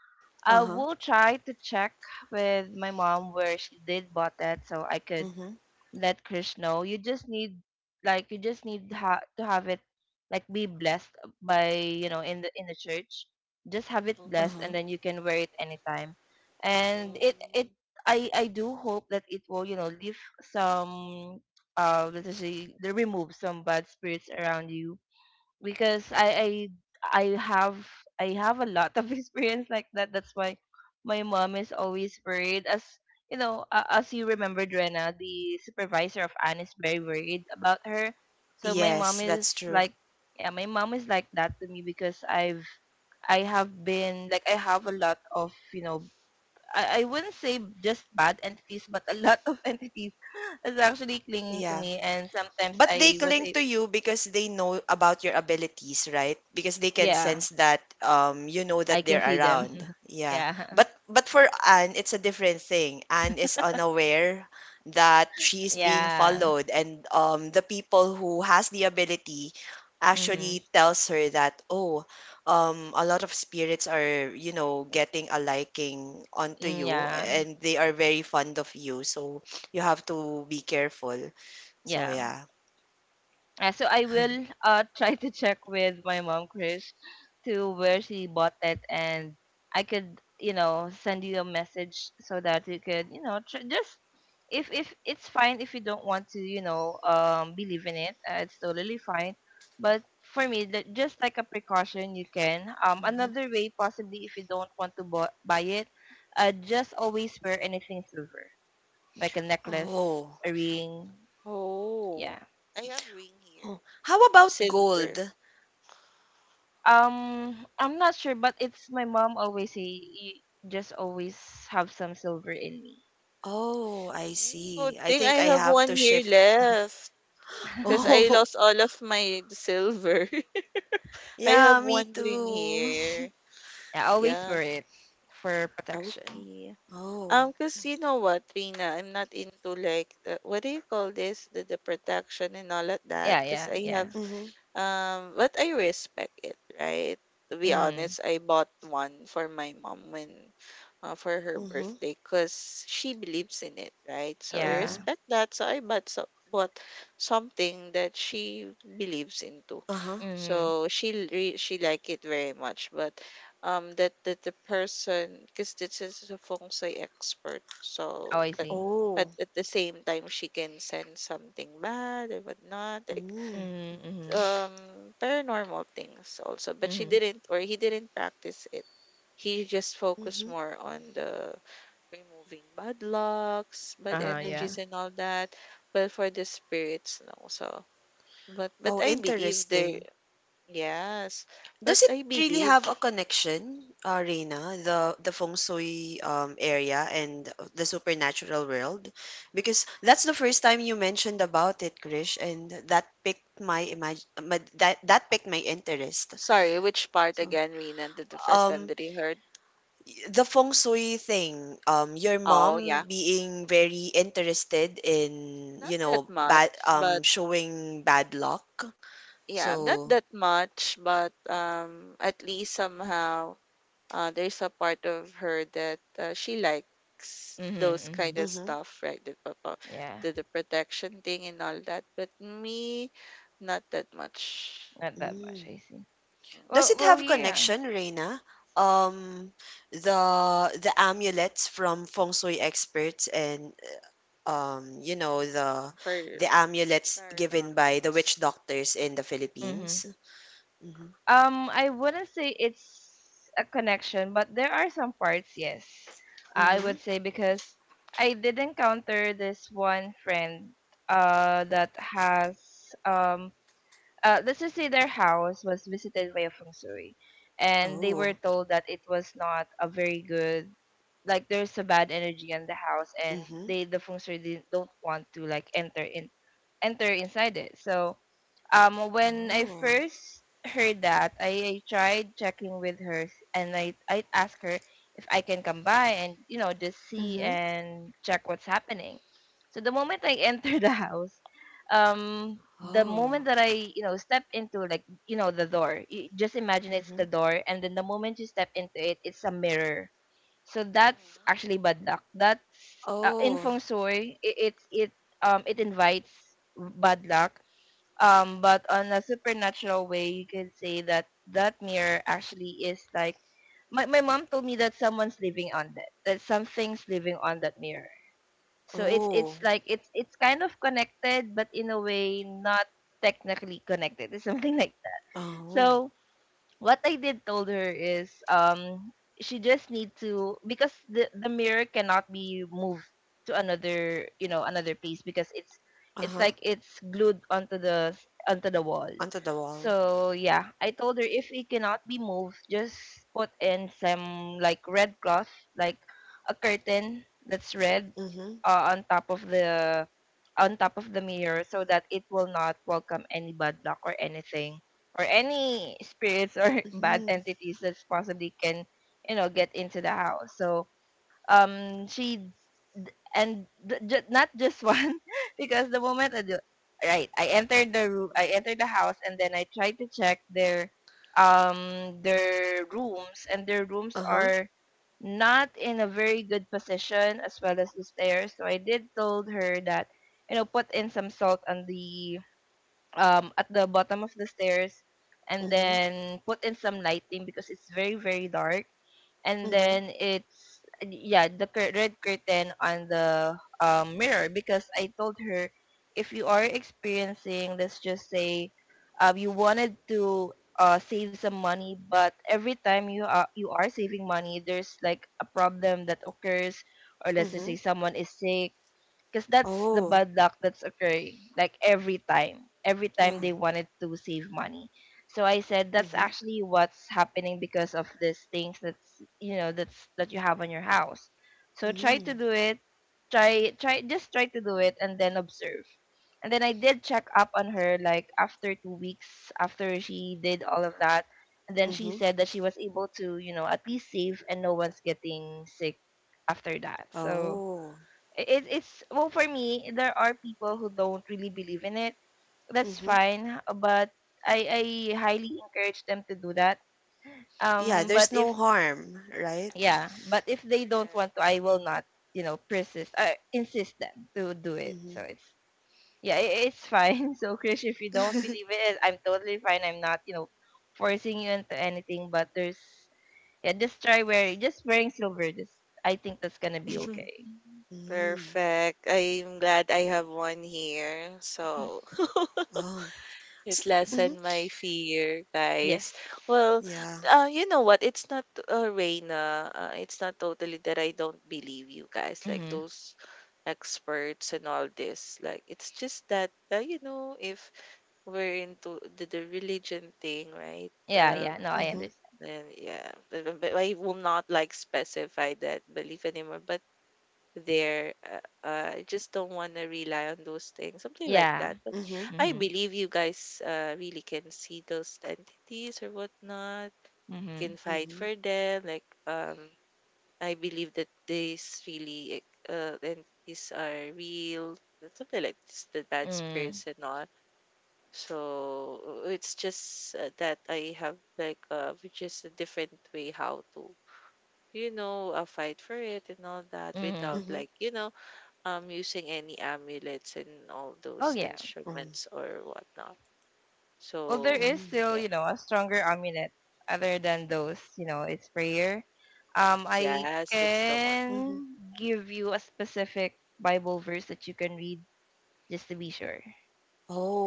Speaker 2: I
Speaker 1: Uh-huh.
Speaker 2: will try to check with my mom where she did bought that, so I could
Speaker 1: Mm-hmm.
Speaker 2: let Krish know. You just need, like, you just need ha- to have it, like, be blessed by, you know, in the church. Just have it blessed
Speaker 1: Uh-huh.
Speaker 2: and then
Speaker 3: Oh,
Speaker 2: you can wear it anytime. And it,
Speaker 3: um,
Speaker 2: I do hope that it will, you know, leave some, uh, let's say, remove some bad spirits around you, because I have I have a lot of experience like that. That's why my mom is always worried. As you know, as you remembered, Rena, the supervisor of Anne is very worried about her. So my mom
Speaker 1: Yes,
Speaker 2: is
Speaker 1: that's true.
Speaker 2: like, yeah, my mom is like that to me because I've, I have been like, I have a lot of, you know. I wouldn't say just bad entities, but a lot of entities is actually clinging to
Speaker 1: Yeah.
Speaker 2: me, and sometimes
Speaker 1: But they
Speaker 2: I was
Speaker 1: cling
Speaker 2: a,
Speaker 1: to you because they know about your abilities, right? Because they can
Speaker 2: yeah,
Speaker 1: sense that you know
Speaker 2: I
Speaker 1: that
Speaker 2: can
Speaker 1: they're
Speaker 2: see them.
Speaker 1: around. Yeah.
Speaker 2: Yeah.
Speaker 1: But for Anne, it's a different thing. Anne is unaware that she's being
Speaker 2: Yeah.
Speaker 1: followed, and the people who has the ability
Speaker 2: Mm-hmm.
Speaker 1: actually tells her that, oh, a lot of spirits are, getting a liking onto
Speaker 2: Mm.
Speaker 1: you,
Speaker 2: Yeah.
Speaker 1: and they are very fond of you, so you have to be careful, so
Speaker 2: Yeah.
Speaker 1: yeah.
Speaker 2: So I will, try to check with my mom, Chris, to where she bought it, and I could, you know, send you a message so that you could, you know, just, if it's fine, if you don't want to, you know, believe in it, it's totally fine. But for me, that just like a precaution, you can.
Speaker 1: Mhm.
Speaker 2: Another way possibly if you don't want to buy it, just always wear anything silver, like a necklace,
Speaker 1: Oh.
Speaker 2: a ring.
Speaker 3: oh,
Speaker 2: Yeah.
Speaker 3: I have ring here.
Speaker 1: Oh. How
Speaker 3: It's
Speaker 1: about
Speaker 3: silver.
Speaker 1: gold?
Speaker 2: I'm not sure, but it's my mom always say you just always have some silver in me.
Speaker 1: Oh, I
Speaker 3: Oh, good
Speaker 1: see. I
Speaker 3: thing
Speaker 1: think
Speaker 3: I
Speaker 1: I
Speaker 3: have
Speaker 1: have
Speaker 3: one
Speaker 1: to
Speaker 3: here
Speaker 1: shift.
Speaker 3: left because I
Speaker 1: Oh,
Speaker 3: lost all of my silver. I have
Speaker 1: yeah, me
Speaker 3: one ring
Speaker 1: too.
Speaker 3: here.
Speaker 2: I always
Speaker 3: Yeah,
Speaker 2: wear it for protection.
Speaker 3: okay.
Speaker 1: Oh.
Speaker 3: Cause you know what, Rina, I'm not into like the, what do you call this? The protection and all of that.
Speaker 2: Yeah,
Speaker 3: Cause
Speaker 2: yeah,
Speaker 3: I have,
Speaker 2: yeah.
Speaker 1: Mm-hmm.
Speaker 3: but I respect it, right? To be
Speaker 2: Mhm.
Speaker 3: honest, I bought one for my mom when, for her
Speaker 1: Mm-hmm.
Speaker 3: birthday, cause she believes in it, right? So I
Speaker 1: Mm-hmm.
Speaker 2: Yeah.
Speaker 3: respect that. So I bought, so bought something that she believes into.
Speaker 1: Uh-huh.
Speaker 2: Mhm.
Speaker 3: So she re, she like it very much, but that that the person, because this is a feng shui expert,
Speaker 2: Oh,
Speaker 3: so
Speaker 2: I
Speaker 3: but
Speaker 2: see.
Speaker 1: Oh.
Speaker 3: at the same time, she can sense something bad or whatnot, like
Speaker 1: Mm.
Speaker 2: Mhm. Mhm.
Speaker 3: paranormal things also, but she
Speaker 2: Mhm.
Speaker 3: didn't, or he didn't practice it. He just focused
Speaker 1: Mm-hmm.
Speaker 3: more on the removing bad lucks, bad
Speaker 2: Uh huh. Yeah.
Speaker 3: energies
Speaker 1: Mm-hmm.
Speaker 3: and all that, but for the spirits, no. So but
Speaker 1: Oh,
Speaker 3: I believe there
Speaker 1: interesting.
Speaker 3: yes, but
Speaker 1: Does it
Speaker 3: I
Speaker 1: really
Speaker 3: believe.
Speaker 1: have a connection, Reina, the feng shui area and the supernatural world? Because that's the first time you mentioned about it, Krish, and that picked my that picked my interest.
Speaker 3: Sorry, which part
Speaker 1: So,
Speaker 3: again, Rina? The first time
Speaker 1: um,
Speaker 3: that you heard?
Speaker 1: the feng shui thing, your
Speaker 3: Oh,
Speaker 1: mom
Speaker 3: yeah.
Speaker 1: being very interested in,
Speaker 3: Not
Speaker 1: you
Speaker 3: that
Speaker 1: know, bad
Speaker 3: much, but
Speaker 1: showing bad luck.
Speaker 3: yeah, not
Speaker 1: So,
Speaker 3: that much, but at least somehow there's a part of her that she likes
Speaker 2: Mhm.
Speaker 3: those kind
Speaker 2: Mhm.
Speaker 3: of
Speaker 1: mm-hmm.
Speaker 3: stuff, right? The, papa,
Speaker 2: Yeah.
Speaker 3: the protection thing and all that. But me, not that much.
Speaker 2: Not that much.
Speaker 1: Mm.
Speaker 2: I see.
Speaker 3: Mm,
Speaker 1: Does
Speaker 2: Well.
Speaker 1: it
Speaker 2: Well.
Speaker 1: have
Speaker 2: Yeah.
Speaker 1: connection, Reina? Um, the the amulets from feng shui experts and, you know,
Speaker 3: for
Speaker 1: the amulets given by the witch
Speaker 3: paranormals.
Speaker 1: doctors in the
Speaker 2: Mhm.
Speaker 1: Philippines. Mm-hmm.
Speaker 2: I wouldn't say it's a connection, but there are some parts, yes. I
Speaker 1: Mm-hmm.
Speaker 2: would say because I did encounter this one friend, uh, that has um, let's just say their house was visited by a feng shui, and they were
Speaker 1: Oh.
Speaker 2: told that it was not a very good, like, there's a bad energy in the house, and
Speaker 1: Mm-hmm.
Speaker 2: the feng shui didn't, don't want to, like, enter inside it. So, when I
Speaker 1: Oh.
Speaker 2: first heard that, I tried checking with her, and I asked her if I can come by and, you know, just see
Speaker 1: Mm-hmm.
Speaker 2: and check what's happening. So the moment I entered the house, um, the moment
Speaker 1: Oh.
Speaker 2: that, i, you know, step into, like, you know, the door, you just imagine it's
Speaker 1: Mm-hmm.
Speaker 2: the door, and then the moment you step into it, it's a mirror. So that's
Speaker 3: Mm-hmm.
Speaker 2: actually bad luck. That's, in
Speaker 1: Oh.
Speaker 2: feng shui, it um, it invites bad luck. Um, but on a supernatural way, you could say that, that mirror actually is like, my mom told me that someone's living on that, that something's living on that mirror. So it's,
Speaker 1: Oh.
Speaker 2: it's kind of connected, but in a way not technically connected. It's something like that.
Speaker 1: Oh.
Speaker 2: So what I did told her is, um, she just need to, because the mirror cannot be moved to another, you know, another place because it's
Speaker 1: Uh-huh.
Speaker 2: like it's glued onto the onto the wall.
Speaker 1: Onto the wall.
Speaker 2: So yeah, I told her if it cannot be moved, just put in some like red cloth, like a curtain that's red
Speaker 1: Mm-hmm.
Speaker 2: on top of the mirror so that it will not welcome any bad luck or anything or any spirits or bad
Speaker 1: Mm-hmm.
Speaker 2: entities that possibly can you know get into the house. So she d- and th- ju- not just one because the moment I do, right, I entered the house and then I tried to check their rooms, and their rooms
Speaker 1: Uh-huh.
Speaker 2: are not in a very good position, as well as the stairs. So I did told her that you know put in some salt on the at the bottom of the stairs, and
Speaker 1: Mm-hmm.
Speaker 2: then put in some lighting because it's very very dark, and
Speaker 1: Mm-hmm.
Speaker 2: then it's yeah the red curtain on the mirror. Because I told her, if you are experiencing, let's just say, you wanted to save some money, but every time you are saving money, there's like a problem that occurs, or let's just
Speaker 1: Mm-hmm.
Speaker 2: say someone is sick, because that's the
Speaker 1: Oh.
Speaker 2: bad luck that's occurring, like every time
Speaker 1: Oh.
Speaker 2: they wanted to save money. So I said that's
Speaker 1: Mm-hmm.
Speaker 2: actually what's happening because of these things that's you know that's that you have on your house. So try to
Speaker 1: Mm-hmm.
Speaker 2: do it, try, just try to do it and then observe. And then I did check up on her like after 2 weeks, after she did all of that. And then she
Speaker 1: Mm-hmm.
Speaker 2: said that she was able to you know at least save, and no one's getting sick after that. So
Speaker 1: Oh.
Speaker 2: it's well for me. There are people who don't really believe in it. That's
Speaker 1: Mm-hmm.
Speaker 2: fine, but I highly encourage them to do that.
Speaker 1: Yeah,
Speaker 2: Um, but
Speaker 1: there's
Speaker 2: if
Speaker 1: no harm, right?
Speaker 2: yeah, but if they don't
Speaker 3: Correct.
Speaker 2: want to, I will not, you know, persist. I insist them to do it. So
Speaker 1: Mm-hmm.
Speaker 2: it's yeah, I it's fine. So Krish, if you don't believe it, I'm totally fine. I'm not you know forcing you into anything. But there's yeah, just try wearing, just wearing silver. Just I think that's gonna be okay.
Speaker 1: Mm.
Speaker 3: Perfect. I'm glad I have one here. So
Speaker 1: Oh. S-
Speaker 3: it
Speaker 1: Mm-hmm.
Speaker 3: lessened my fear, guys.
Speaker 2: Yes.
Speaker 3: Well,
Speaker 1: Yeah.
Speaker 3: you know what? It's not, Reina. It's not totally that I don't believe you guys. Like
Speaker 2: Mm-hmm.
Speaker 3: those experts and all this. Like it's just that you know, if we're into the religion thing, right?
Speaker 2: Yeah,
Speaker 3: Um,
Speaker 2: yeah. No, I
Speaker 1: Mm-hmm.
Speaker 2: understand.
Speaker 3: and yeah, but but I will not like specify that belief anymore. But there. I just don't want to rely on those things, something like
Speaker 2: Yeah.
Speaker 3: that. But
Speaker 1: Mm-hmm.
Speaker 3: I
Speaker 2: Mhm.
Speaker 3: believe you guys really can see those entities or whatnot,
Speaker 2: Mhm.
Speaker 3: can fight
Speaker 1: Mm-hmm.
Speaker 3: for them. Like, I believe that these really entities are real, that something like this, the bad
Speaker 2: Mm.
Speaker 3: spirits and all. So it's just that I have like which is a different way how to, you know, fight for it and all that,
Speaker 2: Mhm.
Speaker 3: without
Speaker 1: Mm-hmm.
Speaker 3: like, you know, using any amulets and all
Speaker 2: Oh
Speaker 3: those
Speaker 2: yeah.
Speaker 3: instruments or whatnot.
Speaker 2: Well, there
Speaker 3: So
Speaker 2: is
Speaker 1: Mm-hmm.
Speaker 2: still,
Speaker 3: yeah,
Speaker 2: you know, a stronger amulet other than those, you know. It's prayer. I
Speaker 3: yes, that's the one.
Speaker 1: Mm-hmm.
Speaker 2: can give you a specific Bible verse that you can read just to be sure.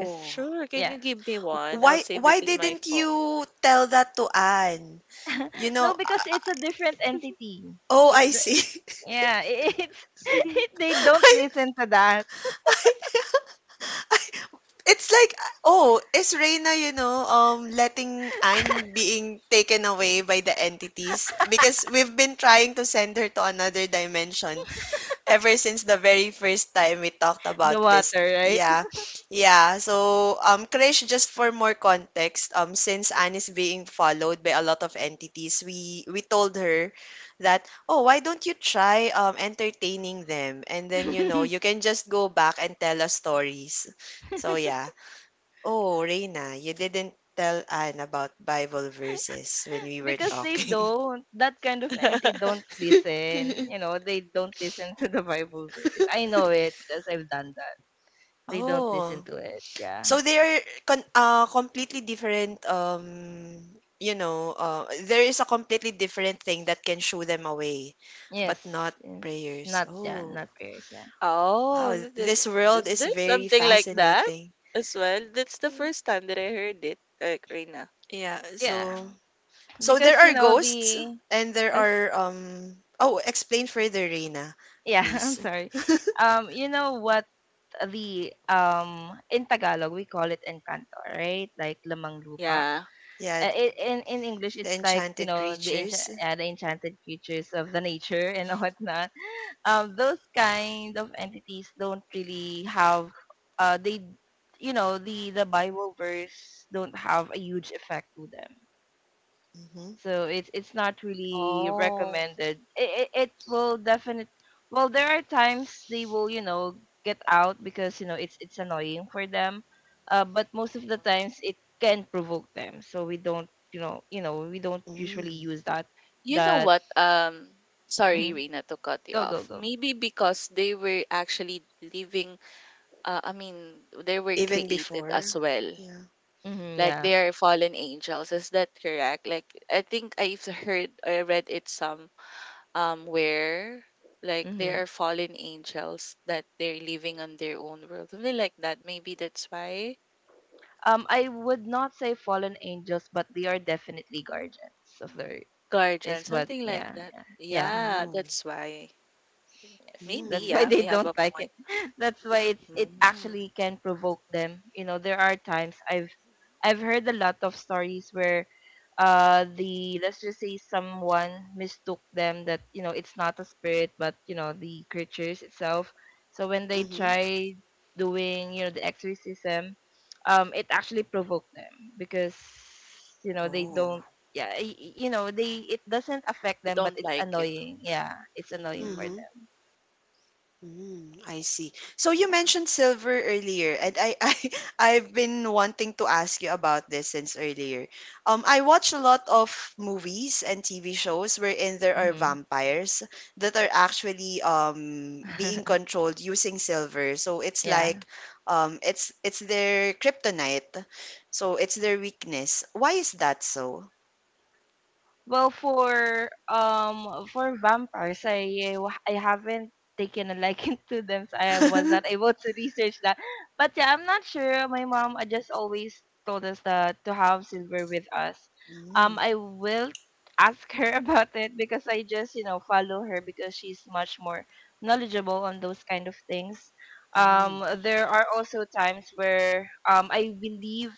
Speaker 2: Cause
Speaker 3: Sure, can
Speaker 2: yeah,
Speaker 3: you give me
Speaker 1: W-
Speaker 3: one? I'll
Speaker 1: Why
Speaker 3: save it
Speaker 1: why
Speaker 3: in
Speaker 2: yeah.
Speaker 3: my
Speaker 1: didn't
Speaker 3: phone.
Speaker 1: you tell that to Anne? You
Speaker 2: No,
Speaker 1: know,
Speaker 2: because
Speaker 1: I, I-
Speaker 2: it's a different entity.
Speaker 1: oh,
Speaker 2: It
Speaker 1: I
Speaker 2: d-
Speaker 1: see.
Speaker 2: yeah, it, it they don't listen to that
Speaker 1: It's like, oh, is Reyna, you know, letting Anne being taken away by the entities? Because we've been trying to send her to another dimension, ever since the very first time we talked
Speaker 2: the
Speaker 1: about
Speaker 2: water,
Speaker 1: this.
Speaker 2: right?
Speaker 1: Yeah. Yeah. So, Krish, just for more context, since Anne is being followed by a lot of entities, we told her that, oh, why don't you try entertaining them? And then, you know, you can just go back and tell us stories. So, yeah. Oh, Reina, you didn't tell Anne about Bible verses when we were
Speaker 2: Because they
Speaker 1: talking.
Speaker 2: don't, that kind of entity don't listen, you know, they don't listen to the Bible verse. I know it because I've done that. They don't listen
Speaker 1: Oh,
Speaker 2: to it, yeah.
Speaker 1: so they are con completely different, you know, there is a completely different thing that can shoo them away,
Speaker 2: Yes,
Speaker 1: but not
Speaker 2: yes.
Speaker 1: prayers.
Speaker 2: Not yeah,
Speaker 1: Oh,
Speaker 2: not pairs, yeah.
Speaker 3: Oh,
Speaker 1: wow, this world
Speaker 3: is
Speaker 1: is
Speaker 3: there
Speaker 1: very
Speaker 3: something like that
Speaker 1: fascinating.
Speaker 3: as well? That's the first time that I heard it, like, Reina.
Speaker 1: Yeah,
Speaker 2: Yeah,
Speaker 1: so so there
Speaker 2: because you
Speaker 1: are
Speaker 2: know
Speaker 1: ghosts
Speaker 2: the
Speaker 1: and there
Speaker 2: that's
Speaker 1: are um oh, explain further, Reina,
Speaker 2: yeah. I'm
Speaker 1: please.
Speaker 2: sorry. You know what, the in Tagalog we call it encanto, right, like lamang lupa.
Speaker 3: Yeah.
Speaker 1: Yeah,
Speaker 3: Mhm.
Speaker 2: In English,
Speaker 1: the
Speaker 2: it's like you
Speaker 1: enchanted
Speaker 2: know the
Speaker 1: creatures.
Speaker 2: the enchanted creatures of the nature and whatnot. Those kind of entities don't really have they you know, the Bible verse don't have a huge effect to them,
Speaker 1: Mm-hmm.
Speaker 2: so it's not really
Speaker 3: Oh,
Speaker 2: recommended. It will definitely, well, there are times they will you know get out because you know it's annoying for them. But most of the
Speaker 3: mhm.
Speaker 2: times it can provoke them, so we don't you know we don't usually
Speaker 1: Mm.
Speaker 2: use that.
Speaker 3: You know
Speaker 2: That
Speaker 3: what? Sorry,
Speaker 2: mhm.
Speaker 3: Rina, to cut you
Speaker 2: Go, go,
Speaker 3: off.
Speaker 2: go.
Speaker 3: Maybe because they were actually living, I mean, they were
Speaker 1: Even
Speaker 3: created as
Speaker 1: before.
Speaker 3: well.
Speaker 1: Yeah.
Speaker 2: Hmm,
Speaker 3: Like
Speaker 2: yeah.
Speaker 3: they are fallen angels. Is that correct? Like I think I've heard, I read it some where, like they
Speaker 2: Mm-hmm.
Speaker 3: are fallen angels that they're living on their own world. Something like that. Maybe that's why.
Speaker 2: I would not say fallen angels, but they are definitely guardians of the earth.
Speaker 3: Guardian,
Speaker 2: Is what,
Speaker 3: something like
Speaker 2: yeah,
Speaker 3: that.
Speaker 2: yeah, yeah.
Speaker 3: Yeah,
Speaker 1: Oh.
Speaker 3: that's why.
Speaker 2: Yes,
Speaker 3: Maybe,
Speaker 2: that's
Speaker 1: Mm.
Speaker 2: why
Speaker 3: yeah,
Speaker 2: they
Speaker 3: they have
Speaker 2: don't
Speaker 3: a
Speaker 2: like it.
Speaker 3: point.
Speaker 2: That's why it
Speaker 3: Mm.
Speaker 2: actually can provoke them. You know, there are times I've heard a lot of stories where the, let's just say, someone mistook them that you know it's not a spirit but you know the creatures itself. So when they
Speaker 1: Mm-hmm.
Speaker 2: try doing you know the exorcism, it actually provoked them because you know they
Speaker 1: Oh.
Speaker 2: don't yeah you know they it doesn't affect
Speaker 3: You
Speaker 2: them but
Speaker 3: don't
Speaker 2: it's
Speaker 3: like it.
Speaker 2: annoying, yeah, it's annoying for
Speaker 3: Mm.
Speaker 1: Mm-hmm.
Speaker 2: them.
Speaker 1: Mm, I see. So you
Speaker 2: Yeah.
Speaker 1: mentioned silver earlier, and I I've been wanting to ask you about this since earlier. I watch a lot of movies and TV shows wherein there are
Speaker 2: Mhm.
Speaker 1: vampires that are actually being controlled using silver. So it's
Speaker 2: Yeah.
Speaker 1: like it's their kryptonite. So it's their weakness. Why is that so?
Speaker 2: Well, for vampires, I haven't taken a liking to them, so I was not able to research that. But yeah, I'm not sure. My mom just always told us that to have silver with us.
Speaker 1: Mm,
Speaker 2: I will ask her about it, because I just you know follow her because she's much more knowledgeable on those kind of things.
Speaker 1: mm.
Speaker 2: There are also times where I believe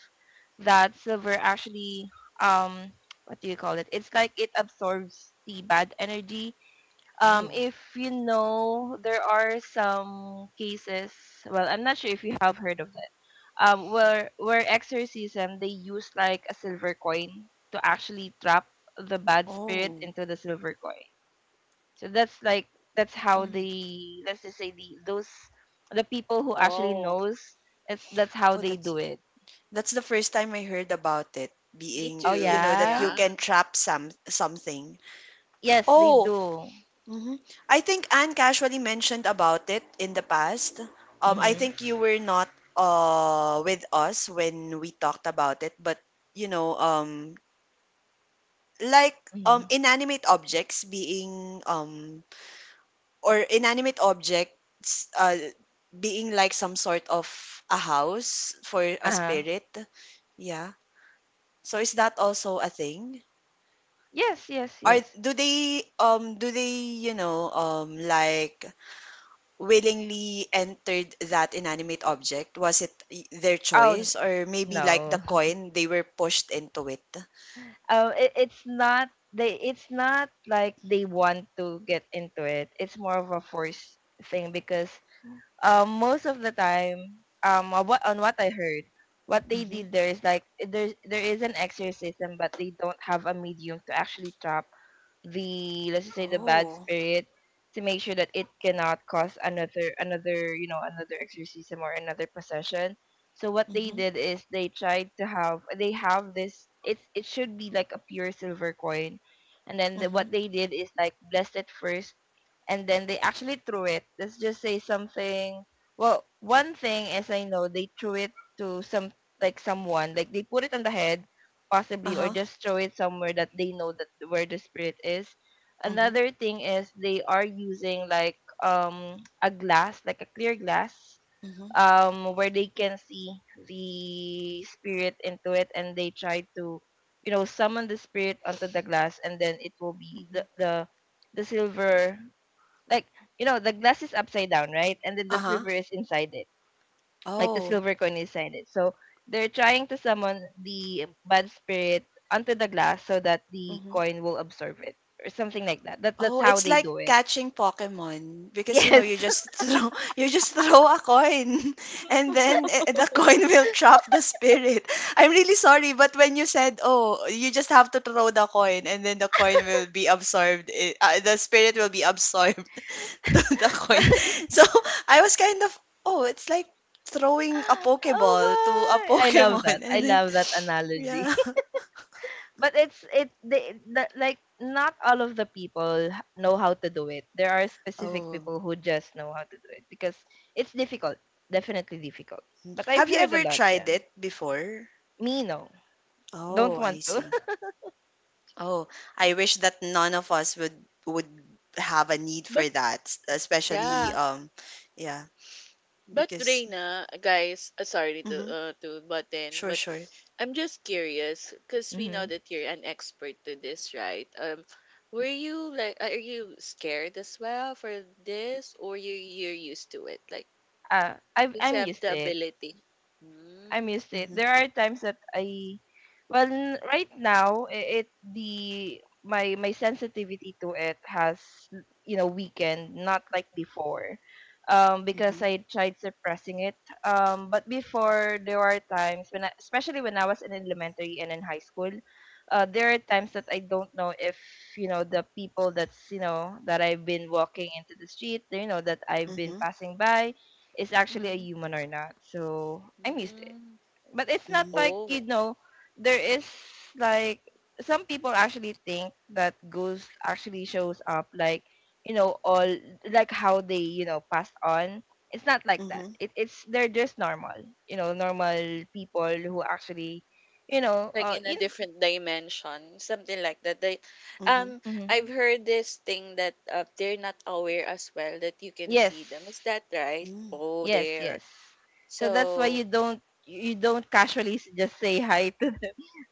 Speaker 2: that silver actually um what do you call it? It's like it absorbs the bad energy.
Speaker 1: Oh,
Speaker 2: If you know, there are some cases. Well, I'm not sure if you have heard of it. Where exorcism they use like a silver coin to actually trap the bad spirit
Speaker 1: oh,
Speaker 2: into the silver coin. So that's like that's how
Speaker 1: mm.
Speaker 2: the let's just say the those the people who actually
Speaker 3: Oh,
Speaker 2: knows it's that's how
Speaker 1: Oh,
Speaker 2: they
Speaker 1: that's
Speaker 2: do it.
Speaker 1: that's the first time I heard about it
Speaker 3: me
Speaker 1: being,
Speaker 2: Oh
Speaker 1: you
Speaker 3: too.
Speaker 1: know, that
Speaker 2: yeah,
Speaker 1: you
Speaker 3: Yeah.
Speaker 1: can trap something.
Speaker 2: yes they
Speaker 1: Oh,
Speaker 2: do.
Speaker 1: mhm. I think Anne casually mentioned about it in the past. I
Speaker 2: Mhm.
Speaker 1: think you were not with us when we talked about it, but you know, like um
Speaker 2: Mhm.
Speaker 1: inanimate objects being um inanimate objects being like some sort of a house for
Speaker 2: Uh
Speaker 1: a
Speaker 2: huh.
Speaker 1: spirit. Yeah. So is that also a thing?
Speaker 2: Yes, yes,
Speaker 1: Are
Speaker 2: yes.
Speaker 1: Do they do they, you know, um, like willingly entered that inanimate object? Was it y- their
Speaker 2: Oh n-
Speaker 1: choice, or maybe like the
Speaker 2: no,
Speaker 1: coin they were pushed into it?
Speaker 2: it, it's not they. It's not like they want to get into it. It's more of a forced thing because most of the time, on what I heard, what they
Speaker 1: Mm-hmm.
Speaker 2: did there is like there is an exorcism, but they don't have a medium to actually chop the, let's just say, the bad
Speaker 1: Oh.
Speaker 2: spirit to make sure that it cannot cause another, you know, another exorcism or another possession. So what they
Speaker 1: Mm-hmm.
Speaker 2: did is they tried to have they have this, it's it should be like a pure silver coin, and then the,
Speaker 1: Mm-hmm.
Speaker 2: what they did is like blessed it first and then they actually threw it, let's just say something, well, one thing as I know, they threw it to some like someone, like they put it on the head possibly, or
Speaker 1: Uh-huh.
Speaker 2: just throw it somewhere that they know that where the spirit is.
Speaker 1: Mm-hmm.
Speaker 2: Another thing is they are using like a glass, like a clear glass,
Speaker 1: Mm-hmm.
Speaker 2: where they can see the spirit into it and they try to you know summon the spirit onto the glass, and then it will be
Speaker 1: Mm-hmm.
Speaker 2: the silver, like you know the glass is upside down, right, and then the
Speaker 1: Uh-huh.
Speaker 2: silver is inside it, like the
Speaker 1: Oh.
Speaker 2: silver coin inside it. So they're trying to summon the bad spirit onto the glass so that the
Speaker 1: Mm-hmm.
Speaker 2: coin will absorb it or something like that. That's
Speaker 1: Oh,
Speaker 2: how
Speaker 1: it's
Speaker 2: they
Speaker 1: like
Speaker 2: do it.
Speaker 1: catching Pokemon, because you know
Speaker 2: Yes.
Speaker 1: you just throw you just throw a coin and then the coin will trap the spirit. I'm really sorry, but when you said, "Oh, you just have to throw the coin and then the coin will be absorbed, the spirit will be absorbed to the
Speaker 2: But
Speaker 1: coin." So, I was kind of, "Oh, it's like throwing a
Speaker 2: oh
Speaker 1: Pokeball to a
Speaker 2: my, I love that.
Speaker 1: Pokemon." And
Speaker 2: I
Speaker 1: then
Speaker 2: love that
Speaker 1: yeah.
Speaker 2: analogy. But it's it they the, like, not all of the people know how to do it. There are specific
Speaker 1: Oh.
Speaker 2: people who just know how to do it because it's difficult. Definitely difficult. But I've
Speaker 1: Have you
Speaker 2: heard a
Speaker 1: ever
Speaker 2: lot, yeah.
Speaker 1: tried it before?
Speaker 2: Me no. Don't
Speaker 1: Oh, I
Speaker 2: want to.
Speaker 1: see. Oh, I wish that none of us would have a need
Speaker 3: But
Speaker 1: for that, s- especially
Speaker 3: yeah.
Speaker 1: yeah,
Speaker 3: But
Speaker 1: because
Speaker 3: Reina, guys, sorry
Speaker 1: mm-hmm,
Speaker 3: to butt in,
Speaker 1: sure,
Speaker 3: but
Speaker 1: sure.
Speaker 3: I'm just curious because we know that you're an expert to this, right? Were you like, are you scared as well for this, or you, you're used to it? Like,
Speaker 2: I've
Speaker 3: you just
Speaker 2: I'm
Speaker 3: have
Speaker 2: used
Speaker 3: the
Speaker 2: to it.
Speaker 3: ability.
Speaker 2: I
Speaker 3: Mm,
Speaker 2: missed it.
Speaker 1: Mm-hmm,
Speaker 2: There are times that I, well, right now it the my my sensitivity to it has you know weakened, not like before, because
Speaker 1: mm-hmm,
Speaker 2: I tried suppressing it. But before there are times when I, especially when I was in elementary and in high school, there are times that I don't know if you know the people that's you know that I've been walking into the street, you know that I've been
Speaker 1: mm-hmm,
Speaker 2: passing by, is actually a
Speaker 3: mm-hmm,
Speaker 2: human or not. So I missed it,
Speaker 3: mm.
Speaker 2: but it's not
Speaker 1: mm-hmm,
Speaker 2: like you
Speaker 3: Oh.
Speaker 2: know there is like some people actually think that ghost actually shows up like you know all like how they you know passed on. It's not like that.
Speaker 1: mm-hmm,
Speaker 2: It, it's They're just normal you know normal people who actually you know
Speaker 3: Like in a
Speaker 2: in
Speaker 3: different dimension, something like that, they
Speaker 1: mm-hmm,
Speaker 3: um I've
Speaker 2: mhm.
Speaker 3: heard this thing that they're not aware as well that you can see them, is
Speaker 2: Yes,
Speaker 3: that right?
Speaker 1: mm.
Speaker 3: Oh,
Speaker 2: yes,
Speaker 3: there.
Speaker 2: yes. So that's why
Speaker 3: So
Speaker 2: you don't casually just say hi.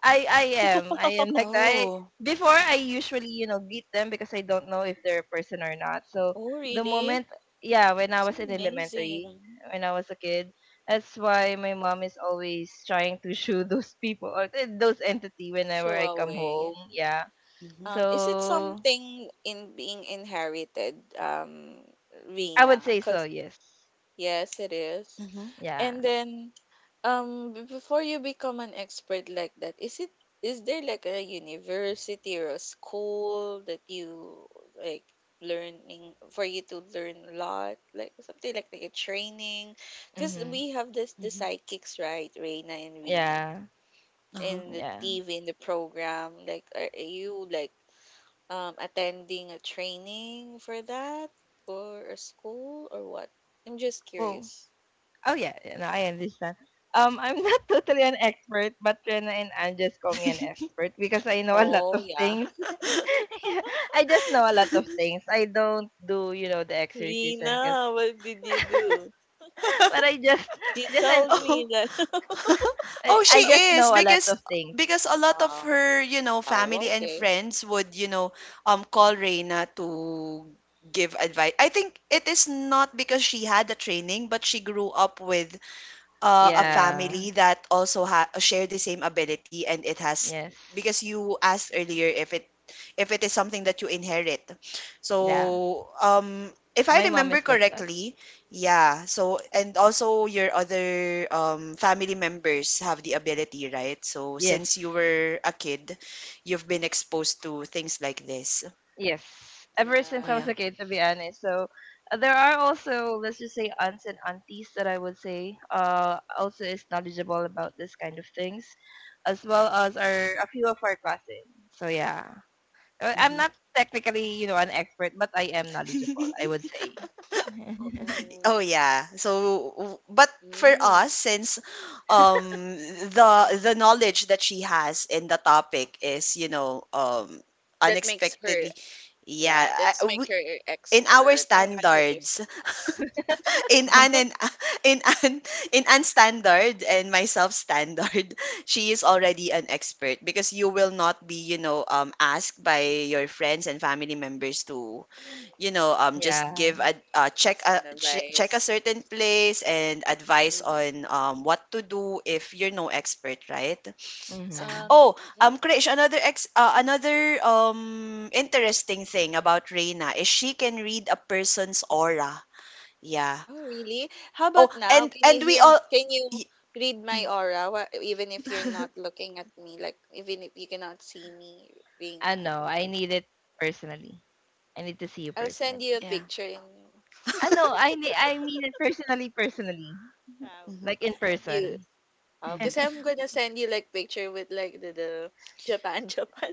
Speaker 2: I am. I am like that. I
Speaker 1: Oh,
Speaker 2: before I usually, you know, greet them because I don't know if they're a person or not. So
Speaker 3: oh
Speaker 2: the
Speaker 3: really,
Speaker 2: moment, yeah, when I
Speaker 3: so
Speaker 2: was in elementary,
Speaker 3: amazing.
Speaker 2: when I was a kid, that's why my mom is always trying to shoo those people or those entity whenever
Speaker 3: Show
Speaker 2: I come home.
Speaker 3: away.
Speaker 2: Yeah.
Speaker 1: mm-hmm,
Speaker 3: Is it
Speaker 2: So
Speaker 3: something in being inherited,
Speaker 2: I
Speaker 3: Rena,
Speaker 2: would say so,
Speaker 3: because
Speaker 2: yes.
Speaker 3: yes, it is.
Speaker 1: mm-hmm,
Speaker 2: Yeah.
Speaker 3: And then, before you become an expert like that, is it, is there like a university or a school that you, like, learning, for you to learn a lot, like something like a training? Because we
Speaker 2: Mhm.
Speaker 3: have this, the
Speaker 1: mm-hmm,
Speaker 3: psychics, right, Reina and Rina,
Speaker 2: Yeah.
Speaker 1: uh-huh.
Speaker 3: in the
Speaker 2: Yeah.
Speaker 3: TV, in the program. Like, are you like attending a training for that, or a school or what? I'm just
Speaker 2: Well,
Speaker 3: curious.
Speaker 2: oh yeah, you know, I understand. I'm not totally an expert, but Rena and Anne just call me an expert because I know a lot
Speaker 3: Oh
Speaker 2: of
Speaker 3: yeah.
Speaker 2: things. Yeah, I just know a lot of things. I don't do, you know, the exorcism because,
Speaker 3: Rina, what did you do?
Speaker 2: but
Speaker 3: You
Speaker 2: I just, I,
Speaker 3: told me
Speaker 1: Oh,
Speaker 3: that.
Speaker 1: oh, she
Speaker 2: I just
Speaker 1: is
Speaker 2: know a lot of things.
Speaker 1: because a lot of
Speaker 3: Uh,
Speaker 1: her, you know,
Speaker 3: oh,
Speaker 1: family and
Speaker 3: okay.
Speaker 1: friends would, you know, call Reina to give advice. I think it is not because she had the training, but she grew up with a
Speaker 3: Mm,
Speaker 2: Yeah.
Speaker 1: family that also share the same ability, and it has
Speaker 2: Yes.
Speaker 1: because you asked
Speaker 3: mm,
Speaker 1: earlier if it is something that you inherit.
Speaker 2: Yeah.
Speaker 1: So um, if I
Speaker 2: My mom
Speaker 1: remember
Speaker 2: is like that.
Speaker 1: correctly, yeah. So and also your other family members have the ability, right? So
Speaker 2: Yes.
Speaker 1: since you were a kid, you've been exposed to things like this.
Speaker 2: Yes, ever
Speaker 1: So
Speaker 2: since I
Speaker 3: yeah.
Speaker 2: was
Speaker 1: yeah.
Speaker 2: a kid, to be honest. So there are also, let's just say, aunts and aunties that I would say also is knowledgeable about this kind of things, as well as our a few of our cousins. So yeah, I'm
Speaker 1: Hmm.
Speaker 2: not technically, you know, an expert, but I am knowledgeable, I would say.
Speaker 1: Oh
Speaker 3: Um,
Speaker 1: yeah. So but for us,
Speaker 3: mm.
Speaker 1: since um, the the knowledge that she has in the topic is, you know, um,
Speaker 3: that makes her,
Speaker 1: unexpectedly yeah,
Speaker 3: yeah, that's make her a
Speaker 1: in our
Speaker 3: expert. I
Speaker 1: standards
Speaker 3: understand now.
Speaker 1: in an and in an in an standard and myself standard she is already an expert because you will not be, you know, um, asked by your friends and family members to, you know, um, just
Speaker 2: Yeah.
Speaker 1: give a
Speaker 3: As an
Speaker 1: check a
Speaker 3: advice.
Speaker 1: certain place and advice
Speaker 3: Mm-mm.
Speaker 1: on what to do if you're no expert, right? So,
Speaker 2: Mm-hmm.
Speaker 3: Um,
Speaker 1: oh,
Speaker 3: mhm.
Speaker 1: um, Krish, another interesting thing about Reina is she can read a person's aura, yeah.
Speaker 3: Oh, really? How
Speaker 1: Oh,
Speaker 3: about now? Can you
Speaker 1: and we
Speaker 3: hear,
Speaker 1: all
Speaker 3: can
Speaker 1: y-
Speaker 3: you read my aura? Even if you're not looking at me, like even if you cannot see me,
Speaker 2: I
Speaker 3: Reina.
Speaker 2: know. I need it personally. I need to see you
Speaker 3: I'll send
Speaker 2: personally.
Speaker 3: you a
Speaker 1: yeah.
Speaker 3: picture and
Speaker 2: I know. I need. I mean it personally. Personally,
Speaker 3: wow,
Speaker 1: Mhm,
Speaker 2: like in
Speaker 3: I thought you,
Speaker 2: person.
Speaker 1: mhm.
Speaker 3: because I'm gonna send you like picture with like the Japan Japan,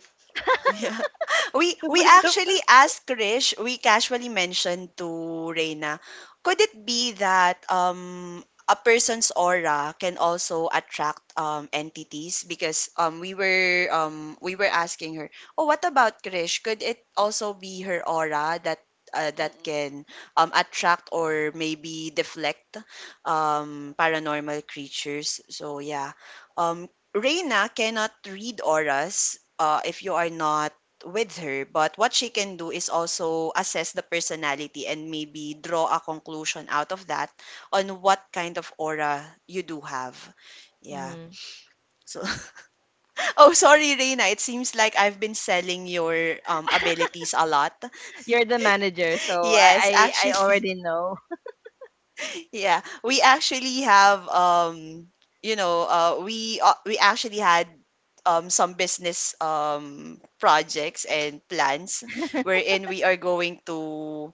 Speaker 1: Yeah. We
Speaker 3: Japan, Japan.
Speaker 1: actually asked Krish, we casually mentioned to Reina, could it be that a person's aura can also attract entities? Because we were asking her, oh, what about Krish? Could it also be her aura that that
Speaker 3: Mm-mm.
Speaker 1: can attract or maybe deflect paranormal creatures? So yeah. Um, Reina cannot read auras if you are not with her. But what she can do is also assess the personality and maybe draw a conclusion out of that on what kind of aura you do have. Yeah.
Speaker 2: Mm-hmm.
Speaker 1: So, oh, sorry, Reina. It seems like I've been selling your abilities a lot.
Speaker 2: You're the manager, so
Speaker 1: Yes,
Speaker 2: I
Speaker 1: actually.
Speaker 2: already know.
Speaker 1: Yeah, we actually have we actually had some business projects and plans wherein we are going to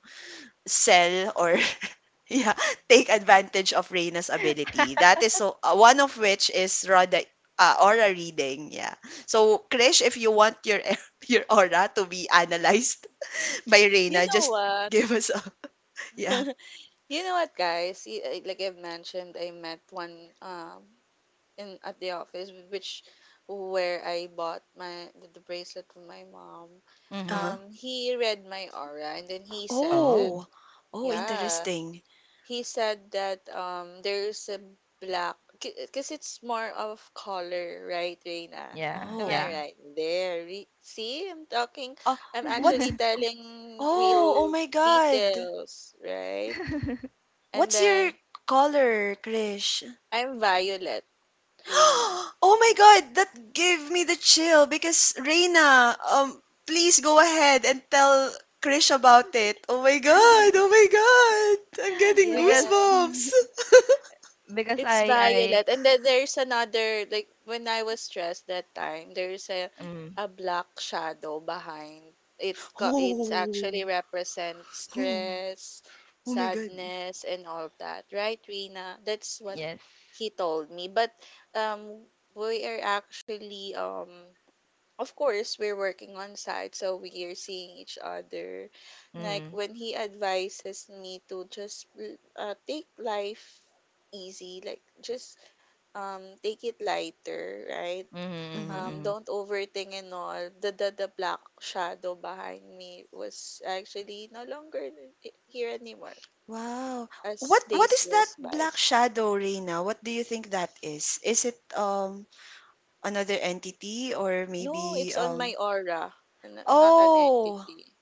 Speaker 1: sell or yeah, take advantage of Reina's ability. That is so one of which is Rada aura reading. Yeah. So Krish, if you want your your aura to be analyzed by
Speaker 3: You
Speaker 1: Reina,
Speaker 3: know
Speaker 1: just
Speaker 3: what?
Speaker 1: give us a yeah.
Speaker 3: you know what, guys? Like I've mentioned, I met one in at the office, which where I bought my the bracelet from my mom.
Speaker 1: Uh-huh.
Speaker 2: Mhm.
Speaker 3: He read my aura, and then he said that
Speaker 2: Oh.
Speaker 1: Oh, oh,
Speaker 3: yeah.
Speaker 1: interesting.
Speaker 3: He said that there's a black because it's more of color, right, Reina?
Speaker 2: Yeah,
Speaker 3: Am
Speaker 1: Oh,
Speaker 3: I
Speaker 2: yeah.
Speaker 3: right there? See, I'm talking,
Speaker 1: uh,
Speaker 3: I'm
Speaker 1: what's,
Speaker 3: actually telling
Speaker 1: oh, oh
Speaker 3: real
Speaker 1: my God.
Speaker 3: details, right? And
Speaker 1: What's your
Speaker 3: then
Speaker 1: color, Krish?
Speaker 3: I'm violet, Reina.
Speaker 1: Oh my God, that gave me the chill because Reina, please go ahead and tell Krish about it. Oh my God, I'm getting
Speaker 2: Because
Speaker 3: Yes,
Speaker 1: goosebumps.
Speaker 3: it's
Speaker 2: I
Speaker 3: violet. And then there's another, like when I was stressed that time, there's a
Speaker 2: mm,
Speaker 3: a black shadow behind. It's actually
Speaker 1: Oh,
Speaker 3: represent
Speaker 1: oh,
Speaker 3: stress,
Speaker 1: oh my God.
Speaker 3: sadness and all that. Right, Rina? That's what
Speaker 2: yes.
Speaker 3: he told me. But um we are actually, of course, we're working on site, so we are seeing each other, like
Speaker 2: Mhm.
Speaker 3: when he advises me to just take life easy, like just take it lighter, right?
Speaker 2: Mhm. Mhm,
Speaker 1: Mm-hmm.
Speaker 2: mhm.
Speaker 3: Don't overthink, and all the black shadow behind me was actually no longer here anymore
Speaker 1: Wow.
Speaker 3: as
Speaker 1: What
Speaker 3: days
Speaker 1: is that
Speaker 3: goes by.
Speaker 1: black shadow, Reina? What do you think that is? Is it another entity, or
Speaker 3: No,
Speaker 1: maybe
Speaker 3: it's on my
Speaker 1: um
Speaker 3: aura, not an
Speaker 1: Oh,
Speaker 3: entity,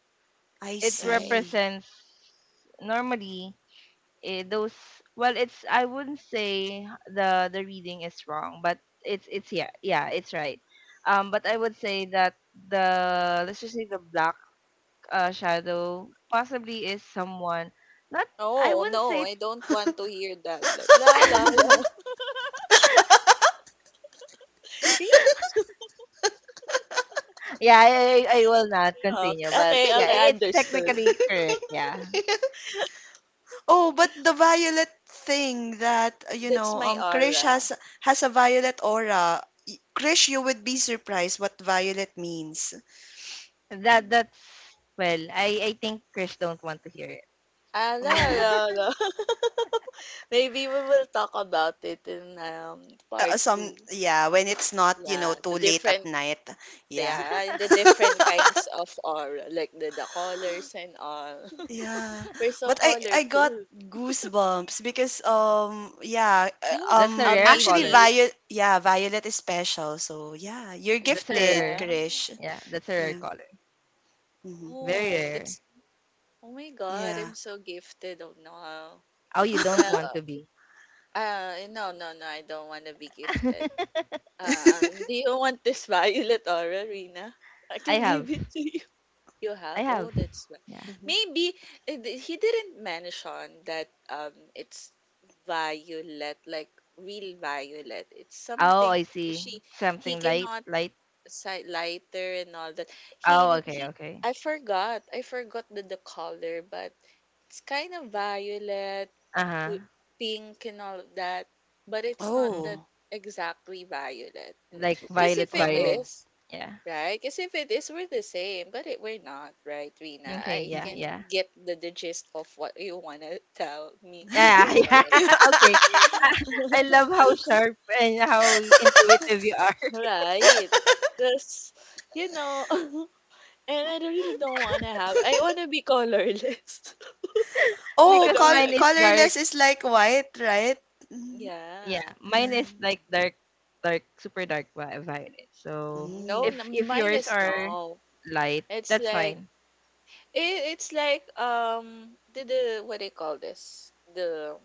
Speaker 1: I
Speaker 2: It
Speaker 3: right?
Speaker 1: see.
Speaker 2: represents normally, eh, those well it's I wouldn't say the reading is wrong, but it's yeah, yeah, it's right. But I would say that the let's just say the black shadow possibly is someone, not, I
Speaker 3: Oh,
Speaker 2: wouldn't
Speaker 3: no,
Speaker 2: say
Speaker 3: I don't want to hear that. Like, la, la, la. Can you,
Speaker 2: yeah I,
Speaker 3: can
Speaker 2: I
Speaker 3: you,
Speaker 2: will not
Speaker 3: can, oh,
Speaker 2: continue, but
Speaker 3: okay,
Speaker 2: yeah
Speaker 3: okay,
Speaker 2: it's
Speaker 3: understood.
Speaker 2: technically correct, yeah.
Speaker 1: Oh, but the violet thing that you
Speaker 3: That's
Speaker 1: know,
Speaker 3: my
Speaker 1: Krish
Speaker 3: aura.
Speaker 1: has a violet aura. Y- Krish, you would be surprised what violet means.
Speaker 2: That that's, well I think Chris don't want to hear it.
Speaker 3: Ah, la,
Speaker 1: Oh,
Speaker 3: la, la. Maybe we will talk about it in part
Speaker 1: some
Speaker 3: two.
Speaker 1: yeah, when it's not, you know,
Speaker 3: Yeah,
Speaker 1: too
Speaker 3: the
Speaker 1: late at
Speaker 3: different,
Speaker 1: night. Yeah.
Speaker 3: yeah, and the different kinds of aura, like the colors and all.
Speaker 1: Yeah.
Speaker 3: We're so
Speaker 1: But I got
Speaker 3: colorful.
Speaker 1: goosebumps because yeah,
Speaker 2: That's a
Speaker 3: Ah,
Speaker 2: rare
Speaker 1: actually
Speaker 2: color.
Speaker 3: maybe
Speaker 1: Violet yeah, Violet is special. So yeah, you're
Speaker 2: That's a
Speaker 3: I
Speaker 1: gifted,
Speaker 2: rare,
Speaker 3: am.
Speaker 1: Krish.
Speaker 2: yeah, that's a rare
Speaker 1: Yeah.
Speaker 2: color.
Speaker 1: Hmm.
Speaker 2: Very
Speaker 3: Oh,
Speaker 2: rare.
Speaker 3: that's oh my God,
Speaker 1: Yeah.
Speaker 3: I'm so gifted. Oh no.
Speaker 2: Oh you don't want
Speaker 3: Well,
Speaker 2: to be.
Speaker 3: No, I don't want to be gifted. Do you want this violet aura, Rina? I
Speaker 2: I
Speaker 3: can give
Speaker 2: have.
Speaker 3: it to you. You
Speaker 2: I
Speaker 3: have? Oh,
Speaker 2: have,
Speaker 3: that's why.
Speaker 2: yeah.
Speaker 1: Mhm.
Speaker 3: Maybe he didn't mention that it's violet, like real violet. It's
Speaker 2: Oh,
Speaker 3: something
Speaker 2: I see.
Speaker 3: she he
Speaker 2: Something light,
Speaker 3: cannot
Speaker 2: light.
Speaker 3: side lighter and all that.
Speaker 2: Oh okay,
Speaker 3: He
Speaker 2: okay.
Speaker 3: I forgot. I forgot the color, but it's kind of violet,
Speaker 2: Uh
Speaker 3: pu- pink and all of that, but it's not
Speaker 2: huh.
Speaker 3: that
Speaker 1: Oh.
Speaker 3: exactly violet.
Speaker 2: Like
Speaker 3: Cuz
Speaker 2: violet
Speaker 3: if it
Speaker 2: violet.
Speaker 1: Oh.
Speaker 3: is,
Speaker 2: Yeah.
Speaker 3: right? Cuz if it is, we're the same, but it, we're not, right, Rina?
Speaker 2: Okay,
Speaker 3: I
Speaker 2: yeah,
Speaker 1: Hmm.
Speaker 3: can
Speaker 2: yeah.
Speaker 3: get the gist of what you want to tell me,
Speaker 2: Yeah, yeah.
Speaker 3: right?
Speaker 2: Okay. I, I love how sharp and how intuitive you are.
Speaker 3: Right. Cuz you know, and I really don't wanna have, I wanna be colorless. I
Speaker 1: Oh,
Speaker 2: Because
Speaker 3: don't
Speaker 2: mine
Speaker 3: wanna
Speaker 2: is dark.
Speaker 1: colorless is like white, right? Mm,
Speaker 2: Yeah,
Speaker 3: yeah.
Speaker 2: mine
Speaker 1: yeah.
Speaker 2: is like dark, dark, super dark violet. So
Speaker 3: No,
Speaker 1: Mm,
Speaker 2: if
Speaker 3: mine
Speaker 2: yours
Speaker 3: is
Speaker 2: are
Speaker 3: no.
Speaker 2: light,
Speaker 3: It's
Speaker 2: that's
Speaker 3: like,
Speaker 2: fine.
Speaker 3: it's like the, what do you call this? The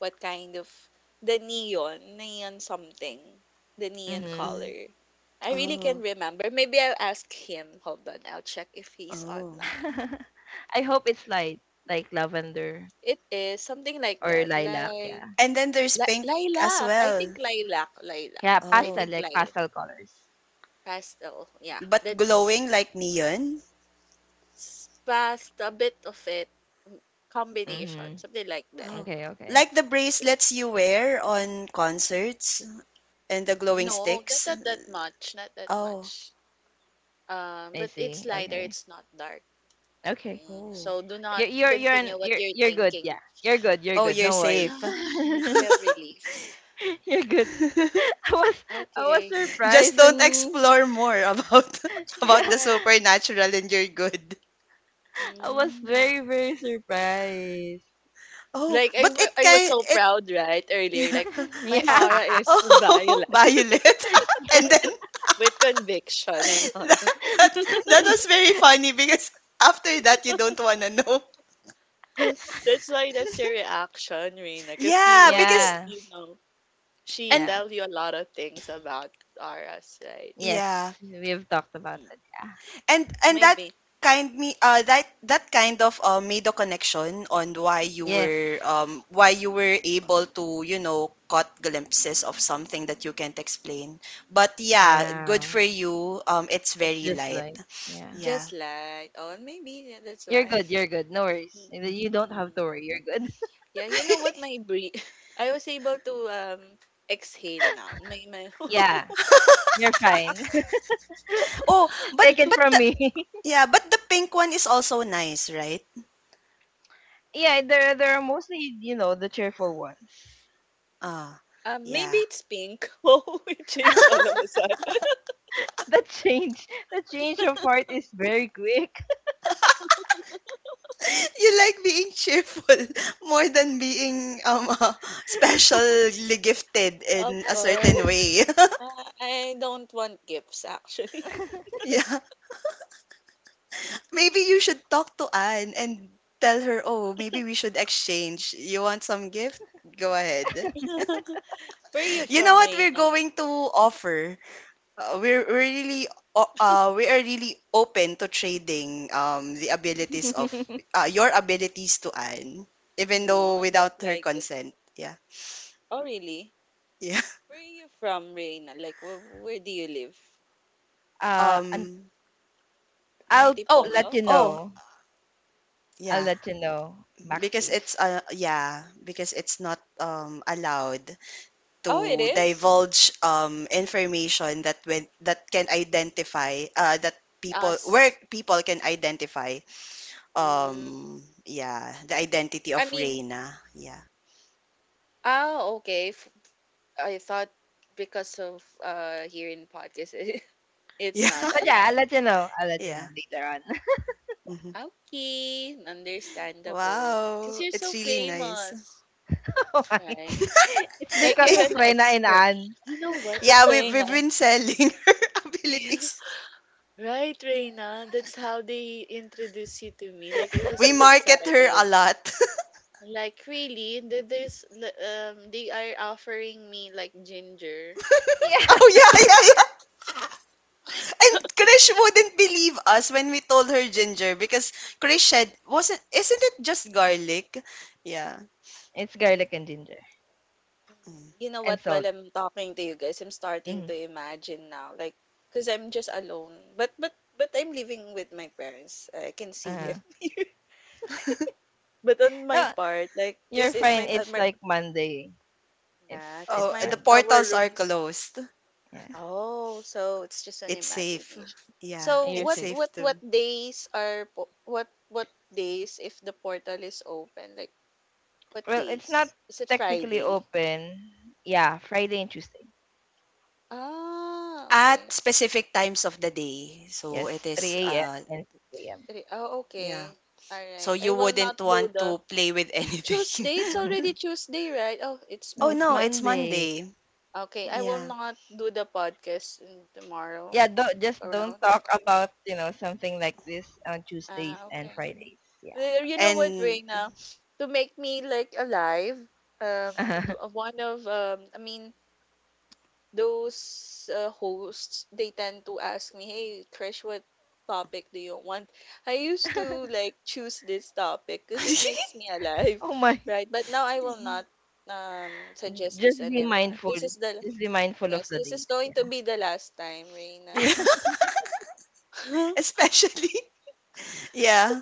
Speaker 3: what kind of the neon something, the neon
Speaker 2: Mhm.
Speaker 1: mm.
Speaker 3: color. I really can't
Speaker 1: Oh,
Speaker 3: remember. Maybe I'll ask him. Hold on, I'll check if he's
Speaker 1: oh.
Speaker 3: online.
Speaker 2: I hope it's light, like lavender
Speaker 3: It is something like
Speaker 2: or
Speaker 3: that.
Speaker 2: lilac,
Speaker 3: Like
Speaker 2: yeah.
Speaker 1: And then there's
Speaker 3: La
Speaker 1: pink as
Speaker 3: lilac, I think
Speaker 1: well.
Speaker 3: lilac, lilac.
Speaker 2: Yeah,
Speaker 3: I
Speaker 2: pastel,
Speaker 1: Oh,
Speaker 3: think
Speaker 2: like
Speaker 3: lil
Speaker 2: pastel colors.
Speaker 3: pastel. Yeah,
Speaker 1: but
Speaker 3: that's
Speaker 1: glowing like neon?
Speaker 3: past a bit of it m- combination,
Speaker 2: Mhm.
Speaker 3: something like that.
Speaker 1: Oh,
Speaker 2: Okay, okay.
Speaker 1: like the
Speaker 3: Maybe
Speaker 1: bracelets you wear on concerts and the glowing
Speaker 3: no, not
Speaker 1: sticks?
Speaker 3: that much, not that
Speaker 1: Oh,
Speaker 3: much.
Speaker 2: I
Speaker 3: But it's
Speaker 2: see.
Speaker 3: lighter.
Speaker 2: Okay.
Speaker 3: It's not dark.
Speaker 2: Okay.
Speaker 3: Mm,
Speaker 1: oh.
Speaker 3: so do not continue what you're
Speaker 2: You're good.
Speaker 3: thinking.
Speaker 2: Yeah, you're good. You're
Speaker 1: Oh,
Speaker 2: good.
Speaker 1: you're
Speaker 2: No worries.
Speaker 1: safe.
Speaker 3: I feel relieved.
Speaker 2: You're good. I was I was
Speaker 3: Okay,
Speaker 1: Just
Speaker 2: surprised
Speaker 1: don't
Speaker 2: when
Speaker 1: explore more about
Speaker 3: all
Speaker 2: yeah,
Speaker 1: about the
Speaker 3: right.
Speaker 1: supernatural, and you're good.
Speaker 2: I was
Speaker 3: Mm.
Speaker 2: very very surprised.
Speaker 1: Oh,
Speaker 3: Like
Speaker 1: but it
Speaker 3: I was
Speaker 1: kind
Speaker 3: so
Speaker 1: it
Speaker 3: proud, right? Earlier,
Speaker 1: yeah,
Speaker 3: like
Speaker 2: Yeah.
Speaker 3: my
Speaker 1: yeah.
Speaker 3: aura is
Speaker 1: Oh,
Speaker 3: violet
Speaker 1: Violet.
Speaker 2: Yeah.
Speaker 1: And then
Speaker 3: with conviction and all.
Speaker 1: that, that that was very funny because after that you don't wanna know.
Speaker 3: That's why that's your reaction, Reina, because
Speaker 1: Yeah,
Speaker 3: you already,
Speaker 1: because
Speaker 2: Yeah.
Speaker 3: you know, she
Speaker 1: and
Speaker 2: Yeah.
Speaker 3: tell you a lot of things about auras, right?
Speaker 2: Yes,
Speaker 1: yeah.
Speaker 2: we have talked about
Speaker 3: Mm.
Speaker 2: that. Yeah.
Speaker 1: And that
Speaker 3: Maybe
Speaker 1: kind me that that kind of made a connection on
Speaker 2: Yes.
Speaker 1: why you were able to, you know, caught glimpses of something that you can't explain. But yeah, good
Speaker 3: mm,
Speaker 2: Yeah.
Speaker 1: for you. It's
Speaker 2: It's
Speaker 1: very
Speaker 2: just
Speaker 1: light.
Speaker 2: like yeah.
Speaker 1: Yeah.
Speaker 3: just like, oh, maybe, yeah, that's
Speaker 2: You're
Speaker 3: why.
Speaker 2: good. You're good. No
Speaker 3: Mm,
Speaker 2: worries. You don't have
Speaker 3: mm.
Speaker 2: to worry. You're good.
Speaker 3: Yeah, you know what? My breathe, I was able to exhale now. My
Speaker 2: Yeah. You're fine.
Speaker 1: oh,
Speaker 2: Take it
Speaker 1: but
Speaker 2: from
Speaker 1: the
Speaker 2: me.
Speaker 1: yeah, but the pink one is also nice, right?
Speaker 2: Yeah, they're mostly you know the cheerful ones.
Speaker 1: Ah,
Speaker 3: uh, maybe
Speaker 1: yeah.
Speaker 3: it's pink. Oh, it changed all of a sudden.
Speaker 2: The change, the change of heart is very quick.
Speaker 1: You like being cheerful more than being specially gifted
Speaker 3: Of
Speaker 1: in a certain
Speaker 3: course.
Speaker 1: way.
Speaker 3: Uh, I don't want gifts actually.
Speaker 1: Yeah. Maybe you should talk to Anne and tell her, "Oh, maybe we should exchange. You want some gift? Go ahead."
Speaker 3: Where are you
Speaker 1: You know
Speaker 3: from,
Speaker 1: what we're
Speaker 3: Reina?
Speaker 1: going to offer? Uh, we're, we're really we are really open to trading the abilities of your abilities to Anne, even
Speaker 3: No,
Speaker 1: though
Speaker 3: I don't
Speaker 1: without her
Speaker 3: like it.
Speaker 1: consent. Yeah.
Speaker 3: Oh, really? Where are you from, Reina? Like, where do you live?
Speaker 2: Uh, and
Speaker 1: Um,
Speaker 2: I'll
Speaker 1: oh,
Speaker 3: Antipolo?
Speaker 2: let you
Speaker 1: oh,
Speaker 2: know. I'll
Speaker 1: yeah,
Speaker 2: let you know backstage.
Speaker 1: yeah, because it's not allowed
Speaker 3: Oh, it
Speaker 1: to
Speaker 3: is?
Speaker 1: divulge information that when that can identify that people where
Speaker 3: Us.
Speaker 1: people can identify
Speaker 3: Mm.
Speaker 1: um, yeah, the identity of
Speaker 3: I mean,
Speaker 1: Reina. Yeah.
Speaker 3: ah, okay. I thought because of here in podcast. It's
Speaker 1: Yeah.
Speaker 3: not
Speaker 2: But yeah, I'll
Speaker 3: allowed.
Speaker 2: let you know. I'll let you know
Speaker 1: Yeah.
Speaker 2: later on.
Speaker 1: Hmm.
Speaker 3: Okay, understandable. Because
Speaker 1: Wow,
Speaker 3: you're so
Speaker 1: it's really nice.
Speaker 3: famous,
Speaker 2: Why?
Speaker 3: right?
Speaker 2: It's
Speaker 3: Like
Speaker 2: because
Speaker 3: you're
Speaker 1: We-
Speaker 2: of
Speaker 3: an
Speaker 2: Rena and
Speaker 3: expert.
Speaker 2: Anne.
Speaker 3: You know what,
Speaker 1: yeah, we
Speaker 3: Reina?
Speaker 1: we've been selling her abilities.
Speaker 3: Right, Reina. That's how they introduced you to me. Like I was
Speaker 1: We
Speaker 3: so
Speaker 1: market her a
Speaker 3: excited.
Speaker 1: lot.
Speaker 3: Like really, there's they are offering me like ginger.
Speaker 2: Yeah,
Speaker 1: Oh, yeah, yeah, yeah. And Krish wouldn't believe us when we told her ginger because Krish said, wasn't, isn't it just garlic? Yeah.
Speaker 2: it's garlic and ginger
Speaker 3: Mm, you know
Speaker 2: and
Speaker 3: what? While
Speaker 2: salt.
Speaker 3: I'm talking to you guys, I'm starting
Speaker 2: Hmm.
Speaker 3: to imagine now, like, cause I'm just alone. But I'm living with my parents. I can see
Speaker 1: Mm-hmm.
Speaker 2: Uh-huh.
Speaker 3: them here. But on my
Speaker 2: No,
Speaker 3: part, like,
Speaker 2: you're
Speaker 3: cause it
Speaker 2: fine.
Speaker 3: might, on
Speaker 2: It's
Speaker 3: my,
Speaker 2: like Monday. It's
Speaker 3: yeah, cause
Speaker 1: Oh,
Speaker 2: it's
Speaker 3: my
Speaker 1: the
Speaker 2: Monday.
Speaker 3: our
Speaker 1: portals
Speaker 3: room
Speaker 1: are
Speaker 3: is
Speaker 1: closed.
Speaker 2: Yeah,
Speaker 3: oh, so it's just an
Speaker 1: It's safe.
Speaker 3: imagination.
Speaker 1: Yeah,
Speaker 3: So
Speaker 2: you're
Speaker 1: it's
Speaker 3: what
Speaker 2: safe.
Speaker 3: what
Speaker 1: safe
Speaker 3: what
Speaker 1: too.
Speaker 3: days are what days if the portal is open? Like what
Speaker 2: Well, it's not
Speaker 3: days? Is it
Speaker 2: technically
Speaker 3: Friday?
Speaker 2: open. Yeah, Friday and Tuesday.
Speaker 3: Ah,
Speaker 1: At
Speaker 3: okay.
Speaker 1: specific times of the day. So it
Speaker 2: Yes,
Speaker 1: is,
Speaker 2: 3 a.m. and 6 a.m.
Speaker 3: 3 Oh,
Speaker 1: yeah.
Speaker 3: okay.
Speaker 1: So
Speaker 3: Alright. I
Speaker 1: you
Speaker 3: will not
Speaker 1: wouldn't
Speaker 3: do
Speaker 1: want
Speaker 3: the
Speaker 1: to play with anything.
Speaker 3: Tuesday. It's already Tuesday, right? Oh, it's
Speaker 2: No,
Speaker 1: Oh
Speaker 2: it's
Speaker 1: no,
Speaker 3: Monday.
Speaker 1: it's
Speaker 2: Monday.
Speaker 1: Monday.
Speaker 3: Okay, I will
Speaker 1: Yeah.
Speaker 3: not do the podcast in tomorrow.
Speaker 2: Yeah, don't
Speaker 3: Like
Speaker 2: just don't
Speaker 3: around.
Speaker 2: talk about, you know, something like this on Tuesdays
Speaker 3: Ah,
Speaker 2: and
Speaker 3: okay.
Speaker 2: Fridays.
Speaker 3: Well, you know what,
Speaker 1: And
Speaker 3: Reina? To make me like alive, um,
Speaker 2: Yeah.
Speaker 3: one of I mean, those hosts, they tend to ask me, hey Krish, what topic do you want? I used to like choose this topic because it makes me alive,
Speaker 2: Oh my.
Speaker 3: right, but now I will not suggest this
Speaker 2: Just be
Speaker 3: anymore.
Speaker 2: mindful.
Speaker 3: This is the
Speaker 2: Just be mindful of
Speaker 3: yes,
Speaker 2: the
Speaker 3: this is
Speaker 2: dates.
Speaker 3: going
Speaker 2: Yeah.
Speaker 3: to be the last time, Reina.
Speaker 1: yeah. Especially. Yeah.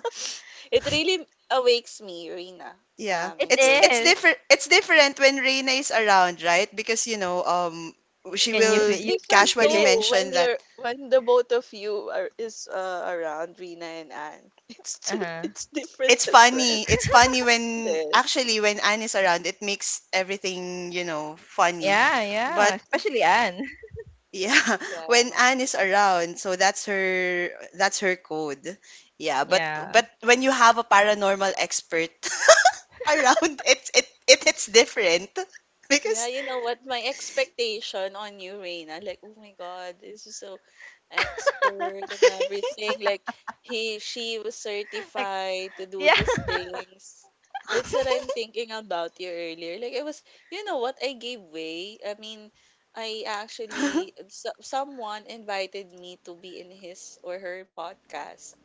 Speaker 3: It really awakes me, Reina,
Speaker 1: Yeah.
Speaker 2: It
Speaker 3: and
Speaker 1: It's
Speaker 3: Reina.
Speaker 1: it's
Speaker 2: is.
Speaker 1: different, it's different when Reina is around, right? Because she
Speaker 2: Can you
Speaker 1: will
Speaker 3: It's
Speaker 2: feel, you can
Speaker 3: different
Speaker 2: feel
Speaker 1: casually
Speaker 2: it?
Speaker 3: though when
Speaker 1: mention that.
Speaker 3: you're when the both of you are is around, Rina and Anne. It's too,
Speaker 2: Uh-huh.
Speaker 3: it's different
Speaker 1: It's
Speaker 3: as well.
Speaker 1: funny. It's funny when
Speaker 3: Hindi.
Speaker 1: actually when Anne is around, it makes everything, funny.
Speaker 2: Yeah, yeah.
Speaker 1: But
Speaker 2: Especially Anne.
Speaker 1: yeah, when
Speaker 3: Yeah.
Speaker 1: Anne is around, so that's her, that's her code. Yeah, but
Speaker 2: Yeah.
Speaker 1: but when you have a paranormal expert around, it's it it it's different
Speaker 3: Yeah,
Speaker 1: because
Speaker 3: you know what? My expectation on you, Reina, like, oh my God, this is so expert and everything. Like, he, she was
Speaker 2: Like
Speaker 3: certified to do
Speaker 2: yeah.
Speaker 3: these things. That's what I'm thinking about you earlier. Like, I was, you know what? I gave way. I mean, I actually, so, someone invited me to be in his or her podcast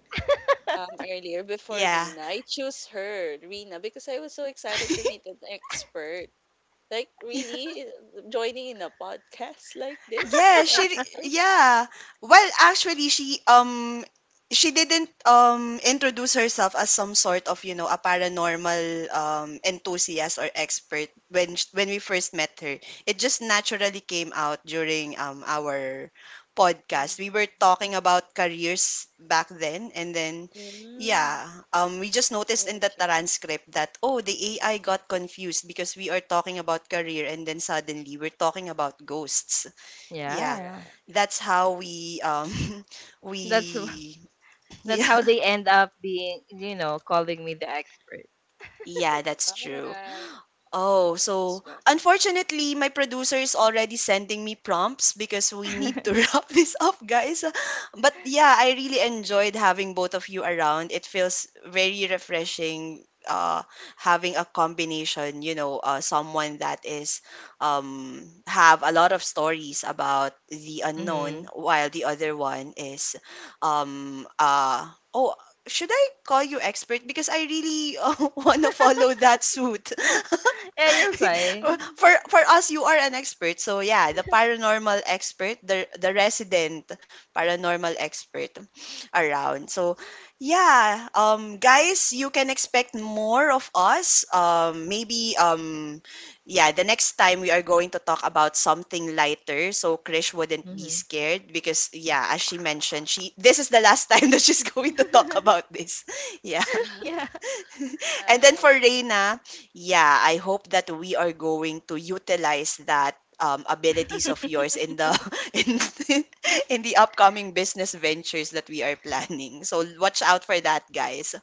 Speaker 3: earlier
Speaker 1: yeah.
Speaker 3: before Rina. I choose her, Rina, because I was so excited to meet an expert. Like really joining in a podcast like this,
Speaker 1: Yeah,
Speaker 3: an expert?
Speaker 1: yeah. Well, actually she didn't introduce herself as some sort of, you know, a paranormal enthusiast or expert when when we first met her. It just naturally came out during our podcast. We were talking
Speaker 3: Mm-hmm.
Speaker 1: about careers back then, and then
Speaker 3: Mm.
Speaker 1: yeah, we just noticed in the
Speaker 3: Okay,
Speaker 1: transcript that oh, the AI got confused because we are talking about career and then suddenly we're talking about ghosts. Yeah,
Speaker 2: Yeah.
Speaker 3: correct.
Speaker 1: that's how we
Speaker 2: That's
Speaker 1: we
Speaker 2: That's
Speaker 1: yeah,
Speaker 2: how they end up being, you know, calling me the expert.
Speaker 1: yeah, that's
Speaker 3: All
Speaker 1: true.
Speaker 3: right,
Speaker 1: Oh,
Speaker 3: that's
Speaker 1: so
Speaker 3: right.
Speaker 1: unfortunately, my producer is already sending me prompts because we need to wrap this up, guys. But yeah, I really enjoyed having both of you around. It feels very refreshing, uh having a combination, you know, someone that is have a lot of stories about the unknown,
Speaker 2: Hmm.
Speaker 1: while the other one is um uh oh, should I call you expert? Because I really want to follow that suit.
Speaker 2: Yeah, you're fine.
Speaker 1: For us, you are an expert, so yeah, the paranormal expert, the resident paranormal expert around. So yeah, guys, you can expect more of us, maybe, yeah, the next time we are going to talk about something lighter, so Krish wouldn't be
Speaker 2: Hmm.
Speaker 1: scared, because yeah, as she mentioned, she this is the last time that she's going to talk about this. Yeah.
Speaker 3: All
Speaker 2: Yeah.
Speaker 1: And then for
Speaker 3: right.
Speaker 1: Reina, yeah, I hope that we are going to utilize that, abilities of yours in the in, the- in the upcoming business ventures that we are planning. So watch out for that, guys.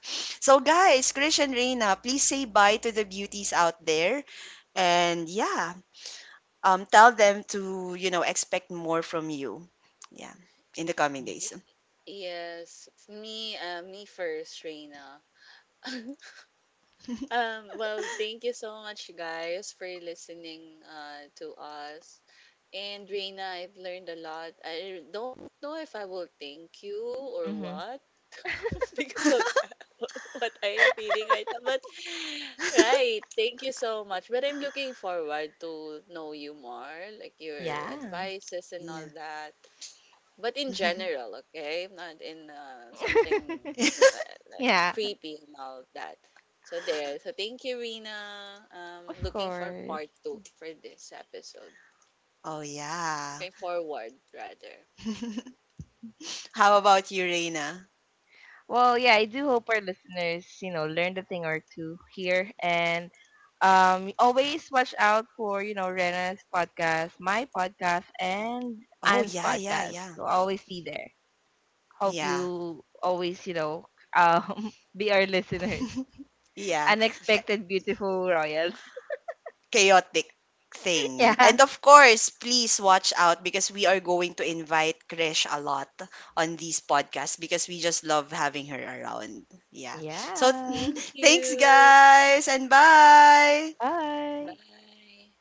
Speaker 1: So guys, Krish and Reina, please say bye to the beauties out there, and yeah, tell them to, you know, expect more from you, yeah, in the coming days.
Speaker 3: Ye- Yes, me first, Reina. um, well, thank you so much, guys, for listening to us. And Reina, I've learned a lot. I don't know if I will thank you or
Speaker 2: Hmm.
Speaker 3: what. Because of what I am feeling right now. But right, thank you so much. But I'm looking forward to know you more, like your
Speaker 2: Yeah.
Speaker 3: advices and all
Speaker 1: Yeah.
Speaker 3: that. But in general, okay, not in something like
Speaker 2: Yeah,
Speaker 3: creepy and all that. So there. So thank you, Rina.
Speaker 2: of
Speaker 3: Looking for
Speaker 2: course.
Speaker 3: part two for this episode.
Speaker 1: Oh yeah.
Speaker 3: Looking forward rather.
Speaker 1: How about you, Reina?
Speaker 2: Well, yeah, I do hope our listeners, you know, learned a thing or two here, and always watch out for, you know, Rena's podcast, my podcast and
Speaker 1: Oh,
Speaker 2: Anne's
Speaker 1: yeah, yeah,
Speaker 2: podcast.
Speaker 1: yeah.
Speaker 2: So always be there. Hope
Speaker 1: Yeah.
Speaker 2: you always, you know, be our listeners.
Speaker 1: Yeah,
Speaker 2: Unexpected beautiful royals.
Speaker 1: chaotic thing. And
Speaker 2: Yeah.
Speaker 1: of course, please watch out, because we are going to invite Krish a lot on these podcasts because we just love having her around. Yeah. So
Speaker 2: Yeah.
Speaker 3: Thank
Speaker 1: thanks,
Speaker 3: you.
Speaker 1: guys, and bye.
Speaker 2: Bye.
Speaker 3: Bye.